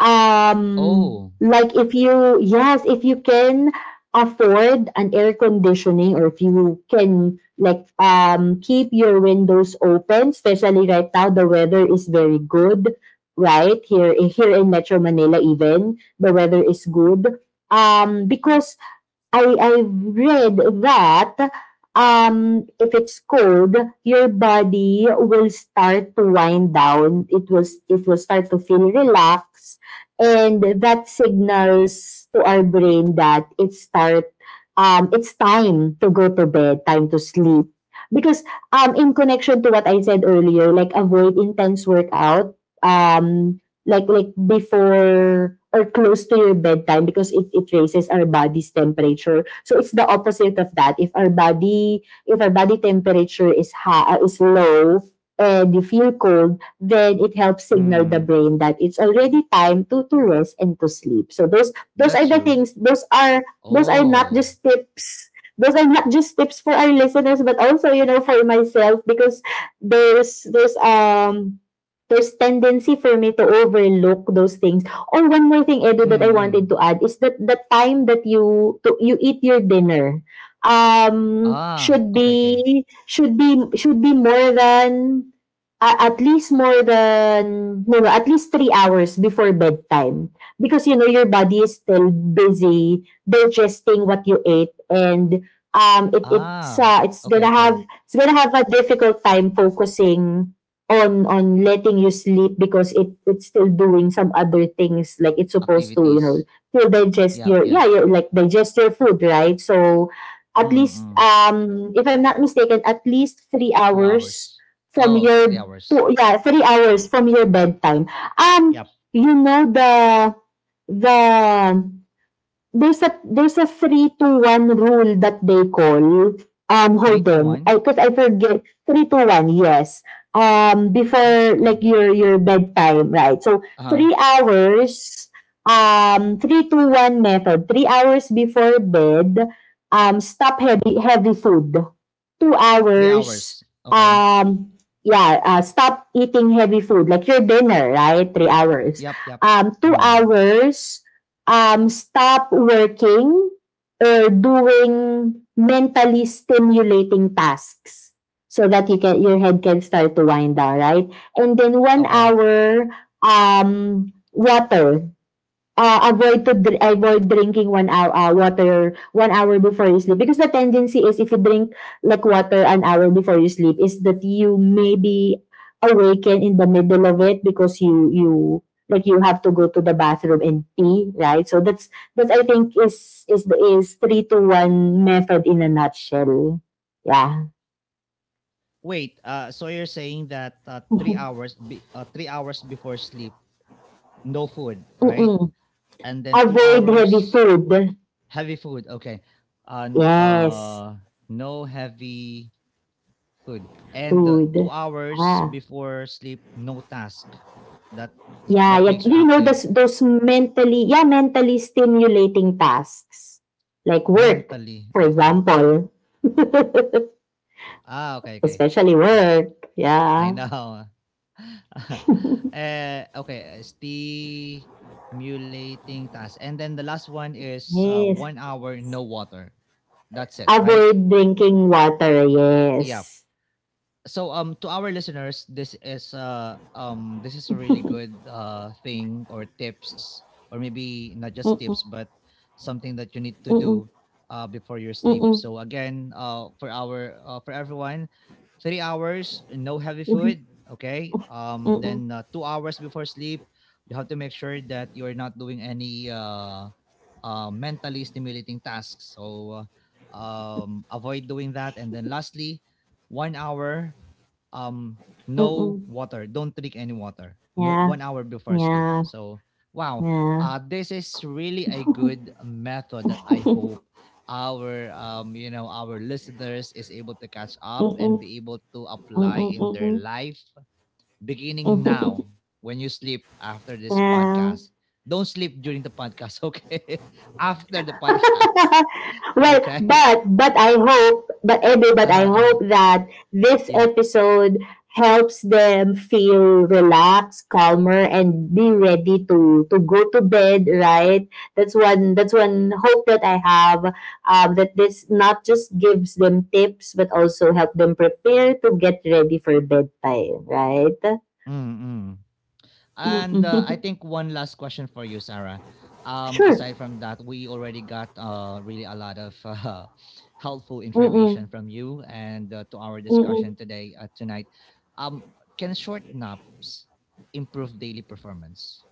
Speaker 2: Um,
Speaker 1: Oh.
Speaker 2: like if you, yes, if you can afford an air conditioning, or if you can, like, um keep your windows open, especially right now the weather is very good, right? Here here in Metro Manila even, the weather is good. Um because I I read that, um, if it's cold, your body will start to wind down. It will it will start to feel relaxed, and that signals to our brain that it's start um it's time to go to bed, time to sleep. Because, um in connection to what I said earlier, like, avoid intense workout. Um, like, like before or close to your bedtime, because, it, it raises our body's temperature. So it's the opposite of that. If our body if our body temperature is high, is low, and you feel cold, then it helps signal the
Speaker 1: Mm.
Speaker 2: brain that it's already time to to rest and to sleep. So those those are
Speaker 1: That's
Speaker 2: the
Speaker 1: true.
Speaker 2: things. Those are those are not
Speaker 1: Oh.
Speaker 2: just tips. Those are not just tips for our listeners, but also, you know for myself, because there's there's um there's tendency for me to overlook those things. Or one more thing, Edu,
Speaker 1: Mm,
Speaker 2: that I wanted to
Speaker 1: hmm.
Speaker 2: add is that the time that you to, you eat your dinner um
Speaker 1: Ah,
Speaker 2: should
Speaker 1: okay. Okay.
Speaker 2: be should be should be more than uh, at least more than no, no, at least three hours before bedtime because you know your body is still busy digesting what you ate and um it it's
Speaker 1: Ah,
Speaker 2: uh, it's
Speaker 1: okay.
Speaker 2: gonna have
Speaker 1: Okay.
Speaker 2: it's gonna have a difficult time focusing on on letting you sleep because it it's still doing some other things like it's supposed to, you know,
Speaker 1: Activities.
Speaker 2: to digest
Speaker 1: Yup,
Speaker 2: your, yeah,
Speaker 1: yup.
Speaker 2: your, like, digest your food, right? So at least,
Speaker 1: Mm.
Speaker 2: um if I'm not mistaken, at least three
Speaker 1: two
Speaker 2: hours
Speaker 1: hours.
Speaker 2: from
Speaker 1: Oh, three
Speaker 2: your
Speaker 1: hours.
Speaker 2: two, yeah, three hours from your bedtime. um
Speaker 1: Yup.
Speaker 2: you know, the the there's a there's a three to one rule that they call. Um,
Speaker 1: three
Speaker 2: hold
Speaker 1: to
Speaker 2: on,
Speaker 1: one.
Speaker 2: I, because I forget three to one. Yes. Um,
Speaker 1: That's
Speaker 2: before,
Speaker 1: cool.
Speaker 2: like, your your bedtime, right? So
Speaker 1: uh
Speaker 2: three hours. Um, three to one method. Three hours before bed. Um, stop heavy heavy food. Two
Speaker 1: three
Speaker 2: hours.
Speaker 1: hours. Okay.
Speaker 2: Um, yeah. Uh, stop eating heavy food like your dinner, right? Three hours.
Speaker 1: Yup, yup.
Speaker 2: Um, two
Speaker 1: Mm.
Speaker 2: hours um, stop working or doing mentally stimulating tasks so that you, can your head can start to wind down, right? And then one
Speaker 1: Okay.
Speaker 2: hour um, water, uh, avoid to dr- avoid drinking one hour, uh, water, one hour before you sleep, because the tendency is, if you drink, like, water an hour before you sleep, is that you may be awaken in the middle of it because you you like, you have to go to the bathroom and pee, right? So that's, that I think is is the, is three to one method in a nutshell. Yeah.
Speaker 1: Wait, uh, so you're saying that, uh, three hours be uh, three hours before sleep, no food, right?
Speaker 2: Mm-mm.
Speaker 1: And then two
Speaker 2: Avoid heavy
Speaker 1: hours,
Speaker 2: food.
Speaker 1: heavy food, okay. And,
Speaker 2: Yes,
Speaker 1: uh, no heavy food, and uh,
Speaker 2: food.
Speaker 1: two hours
Speaker 2: Ah.
Speaker 1: before sleep, no task that
Speaker 2: Yeah,
Speaker 1: that
Speaker 2: yeah.
Speaker 1: makes you
Speaker 2: You know,
Speaker 1: active
Speaker 2: those, those mentally, yeah, mentally stimulating tasks. Like work,
Speaker 1: mentally,
Speaker 2: for
Speaker 1: okay.
Speaker 2: example. *laughs*
Speaker 1: Ah, okay, okay.
Speaker 2: Especially work.
Speaker 1: I
Speaker 2: Yeah.
Speaker 1: know. *laughs* Eh, okay. eh, stimulating task, and then the last one is, uh,
Speaker 2: Yes.
Speaker 1: one hour, no water, that's it, right?
Speaker 2: Avoid drinking water.
Speaker 1: Yeah.
Speaker 2: Yes.
Speaker 1: So, um to our listeners, this is, uh um this is a really good uh thing, or tips, or maybe not just
Speaker 2: Mm-mm.
Speaker 1: tips, but something that you need to
Speaker 2: Mm-mm.
Speaker 1: do uh before your sleep.
Speaker 2: Mm-mm.
Speaker 1: So again, uh for our uh, for everyone: three hours, no heavy
Speaker 2: Mm-mm.
Speaker 1: food, okay. um
Speaker 2: Mm-mm.
Speaker 1: then, uh, two hours before sleep you have to make sure that you're not doing any uh uh mentally stimulating tasks, so uh, um avoid doing that. And then lastly, one hour, um no
Speaker 2: Mm-mm.
Speaker 1: water, don't drink any water, no,
Speaker 2: Yeah.
Speaker 1: one hour before sleep.
Speaker 2: Yeah.
Speaker 1: So wow,
Speaker 2: Yeah.
Speaker 1: uh this is really a good method, that I hope our, um you know, our listeners is able to catch up
Speaker 2: Mm-mm.
Speaker 1: and be able to apply in their
Speaker 2: Mm-mm.
Speaker 1: life beginning
Speaker 2: Mm-mm.
Speaker 1: now.
Speaker 2: *laughs*
Speaker 1: When you sleep after this
Speaker 2: Yeah.
Speaker 1: podcast, don't sleep during the podcast, okay? *laughs* After the podcast. *laughs*
Speaker 2: Well,
Speaker 1: Okay.
Speaker 2: but but I hope, but Edu,
Speaker 1: *laughs*
Speaker 2: but I
Speaker 1: Uh-huh, uh-huh.
Speaker 2: hope that this
Speaker 1: Yep.
Speaker 2: episode helps them feel relaxed, calmer, and be ready to to go to bed, right? That's one. That's one hope that I have. Um, that this not just gives them tips, but also help them prepare to get ready for bedtime, right?
Speaker 1: Mm-hmm. And
Speaker 2: Mm-mm.
Speaker 1: uh, I
Speaker 2: *laughs*
Speaker 1: think one last question for you, Sarah. Um,
Speaker 2: Sure.
Speaker 1: aside from that, we already got uh, really a lot of *laughs* uh, helpful information
Speaker 2: Mm-mm.
Speaker 1: from you, and uh, to our
Speaker 2: Mm-mm.
Speaker 1: discussion today, uh, tonight. Um, can short naps improve daily performance?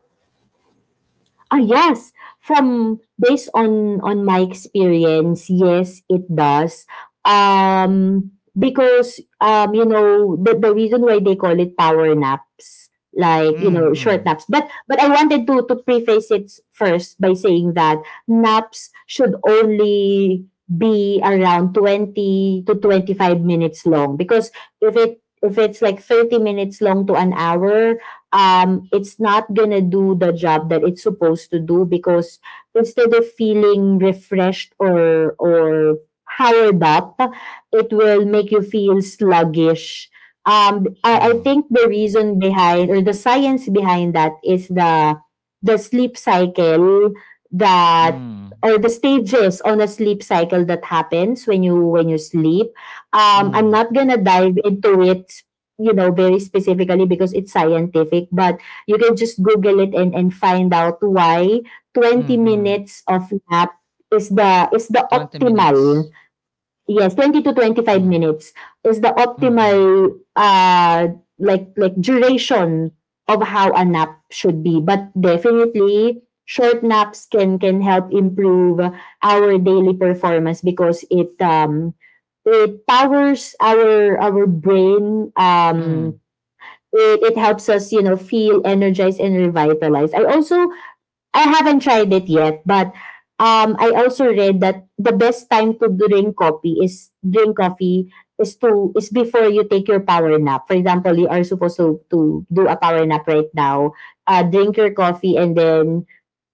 Speaker 2: Ah, yes. From based on on my experience, yes, it does. Um, because um, you know, the the reason why they call it power naps, like, you know, short
Speaker 1: Mm-mm,
Speaker 2: naps. But but I wanted to to preface it first by saying that naps should only be around twenty to twenty five minutes long, because if it if it's like thirty minutes long to an hour, um, it's not gonna do the job that it's supposed to do, because instead of feeling refreshed or or powered up, it will make you feel sluggish. Um, I, I
Speaker 1: mm-mm,
Speaker 2: think the reason behind or the science behind that is the the sleep cycle that,
Speaker 1: mm-mm,
Speaker 2: or the stages on a sleep cycle that happens when you when you sleep. Um, I'm
Speaker 1: mm
Speaker 2: not gonna dive into it, you know, very specifically because it's scientific, but you can just Google it and, and find out why
Speaker 1: mm,
Speaker 2: twenty
Speaker 1: mm.
Speaker 2: minutes of nap is the is the
Speaker 1: twenty
Speaker 2: optimal.
Speaker 1: minutes.
Speaker 2: Yes, twenty to twenty five
Speaker 1: Mm-mm,
Speaker 2: minutes is the
Speaker 1: mm-mm.
Speaker 2: optimal, uh like like duration of how a nap should be. But definitely short naps can can help improve our daily performance, because it um it powers our our brain, um it, it helps us, you know, feel energized and revitalized. I also, I haven't tried it yet, but um, I also read that the best time to drink coffee is drink coffee is to is before you take your power nap. For example, you are supposed to to do a power nap right now. Uh, drink your coffee and then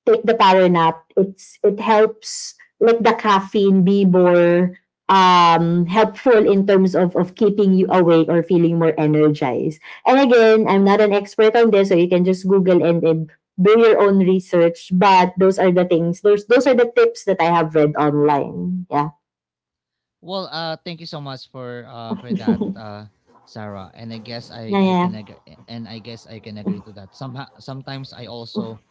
Speaker 2: take the power nap. It's, it helps, let the caffeine be more um helpful in terms of of keeping you awake or feeling more energized. And again, I'm not an expert on this, so you can just Google and, and do your own research. But those are the things. Those those are the tips that I have read online. Yeah,
Speaker 1: Well, uh, thank you so much for uh for that, uh, Sarah. And I guess,
Speaker 2: yeah,
Speaker 1: I I
Speaker 2: yeah.
Speaker 1: can agree, and I guess I can agree to that. Somehow, sometimes I also,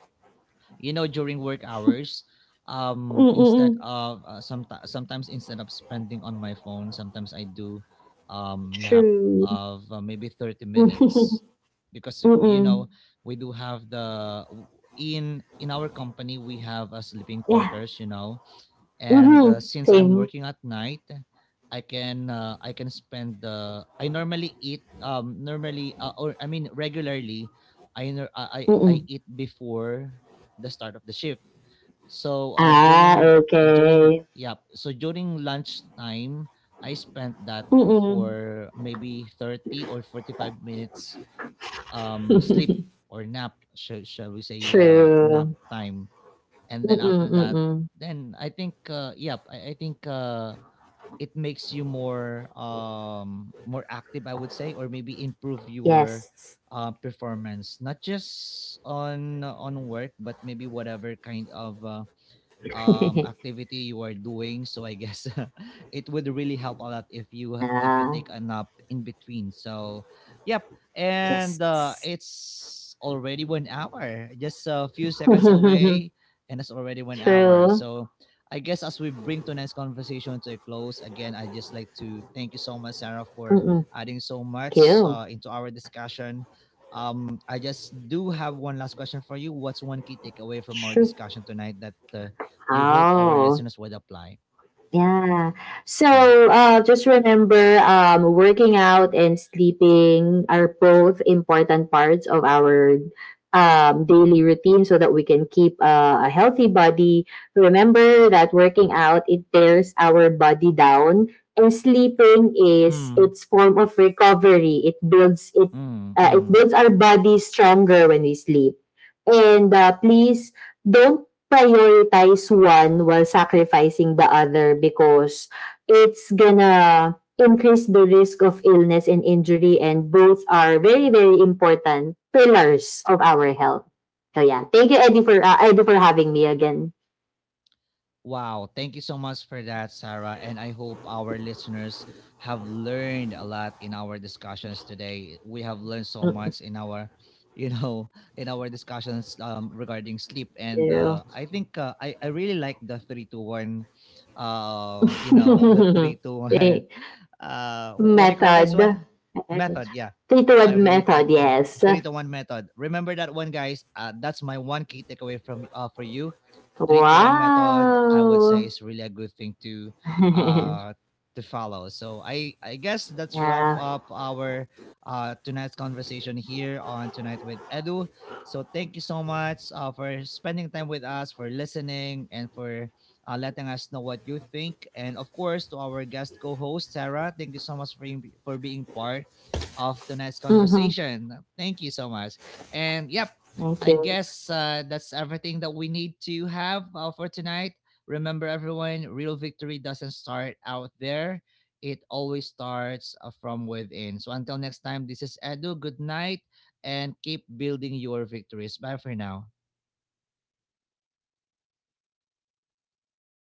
Speaker 1: you know, during work hours, um, instead
Speaker 2: Mm-mm.
Speaker 1: of, uh, some sometimes instead of spending on my phone, sometimes I do, um, nap
Speaker 2: True.
Speaker 1: of, uh, maybe thirty minutes,
Speaker 2: *laughs*
Speaker 1: because y- you
Speaker 2: Mm-mm.
Speaker 1: know, we do have the, w- in in our company we have a sleeping
Speaker 2: Yeah.
Speaker 1: quarters, you know, and uh,
Speaker 2: Mm-hmm.
Speaker 1: since I'm
Speaker 2: Same.
Speaker 1: working at night, I can, uh, I can spend, uh, I normally eat, um normally, uh, or I mean regularly, I nor- I I I
Speaker 2: Mm-mm.
Speaker 1: eat before the start of the shift. So uh,
Speaker 2: Ah,
Speaker 1: during, uh, during
Speaker 2: okay.
Speaker 1: yeah, so during lunch time I spent that
Speaker 2: Mm-mm.
Speaker 1: for maybe thirty or forty-five minutes um sleep or nap, shall, shall we say, uh nap
Speaker 2: True.
Speaker 1: time. And then
Speaker 2: Mm-mm,
Speaker 1: after that,
Speaker 2: mm-mm.
Speaker 1: then I think, uh yep, i, I think uh it makes you more, um more active, I would say, or maybe improve your
Speaker 2: Yes.
Speaker 1: uh performance, not just on on work, but maybe whatever kind of uh, um
Speaker 2: *laughs*
Speaker 1: activity you are doing, so I guess *laughs* it would really help a lot if you, if you
Speaker 2: Ah,
Speaker 1: take a nap in between. So yep, and uh
Speaker 2: yes.
Speaker 1: it's already one hour, just a few
Speaker 2: *laughs*
Speaker 1: seconds
Speaker 2: True.
Speaker 1: away, and it's already one hour. So I guess as we bring tonight's conversation to a close, again I just like to thank you so much, Sarah, for
Speaker 2: Mm-mm.
Speaker 1: adding so much
Speaker 2: Cool.
Speaker 1: uh, into our discussion. um I just do have one last question for you: what's one key takeaway from our
Speaker 2: True.
Speaker 1: discussion tonight that, uh, you hope our
Speaker 2: Oh,
Speaker 1: listeners would apply?
Speaker 2: yeah. So
Speaker 1: Yeah.
Speaker 2: uh, just remember um, working out and sleeping are both important parts of our um, daily routine, so that we can keep uh, a healthy body. Remember that working out, it tears our body down, and sleeping is
Speaker 1: Hmm.
Speaker 2: its form of recovery. It builds it,
Speaker 1: Mm,
Speaker 2: uh, it
Speaker 1: mm.
Speaker 2: builds our body stronger when we sleep. And uh, please don't prioritize one while sacrificing the other, because it's gonna increase the risk of illness and injury, and both are very very important pillars of our health. So yeah, thank you Eddie for uh, Eddie for having me again.
Speaker 1: Wow. Thank you so much for that, Sarah. And I hope our listeners have learned a lot in our discussions today. We have learned so
Speaker 2: Thank
Speaker 1: much in our, you know, *laughs* in our discussions, um, regarding sleep. And
Speaker 2: you.
Speaker 1: uh, I think, uh, I, I really like the three to one, uh, you know, the three
Speaker 2: *laughs*
Speaker 1: to
Speaker 2: Okay,
Speaker 1: one, *laughs* uh, what do you call this
Speaker 2: method.
Speaker 1: one? Method. Yeah,
Speaker 2: Three to
Speaker 1: I
Speaker 2: one
Speaker 1: really
Speaker 2: method,
Speaker 1: think the
Speaker 2: yes.
Speaker 1: three to one method. Remember that one, guys. Uh, that's my one key takeaway from, uh, for you. Three to one method, I would say,
Speaker 2: Wow.
Speaker 1: is really a good thing to
Speaker 2: *laughs*
Speaker 1: uh to follow. So i i guess that's wrap
Speaker 2: Yeah.
Speaker 1: up our uh tonight's conversation here on Tonight with Edu. So thank you so much uh, for spending time with us, for listening, and for, uh, letting us know what you think. And of course, to our guest co-host Sarah, thank you so much for, being- for being part of tonight's
Speaker 2: Mm-hmm.
Speaker 1: conversation. Thank you so much. And yep,
Speaker 2: Thank
Speaker 1: I
Speaker 2: you.
Speaker 1: guess, uh, that's everything that we need to have uh, for tonight. Remember, everyone, real victory doesn't start out there, it always starts, uh, from within. So, until next time, this is Edu. Good night, and keep building your victories. Bye for now.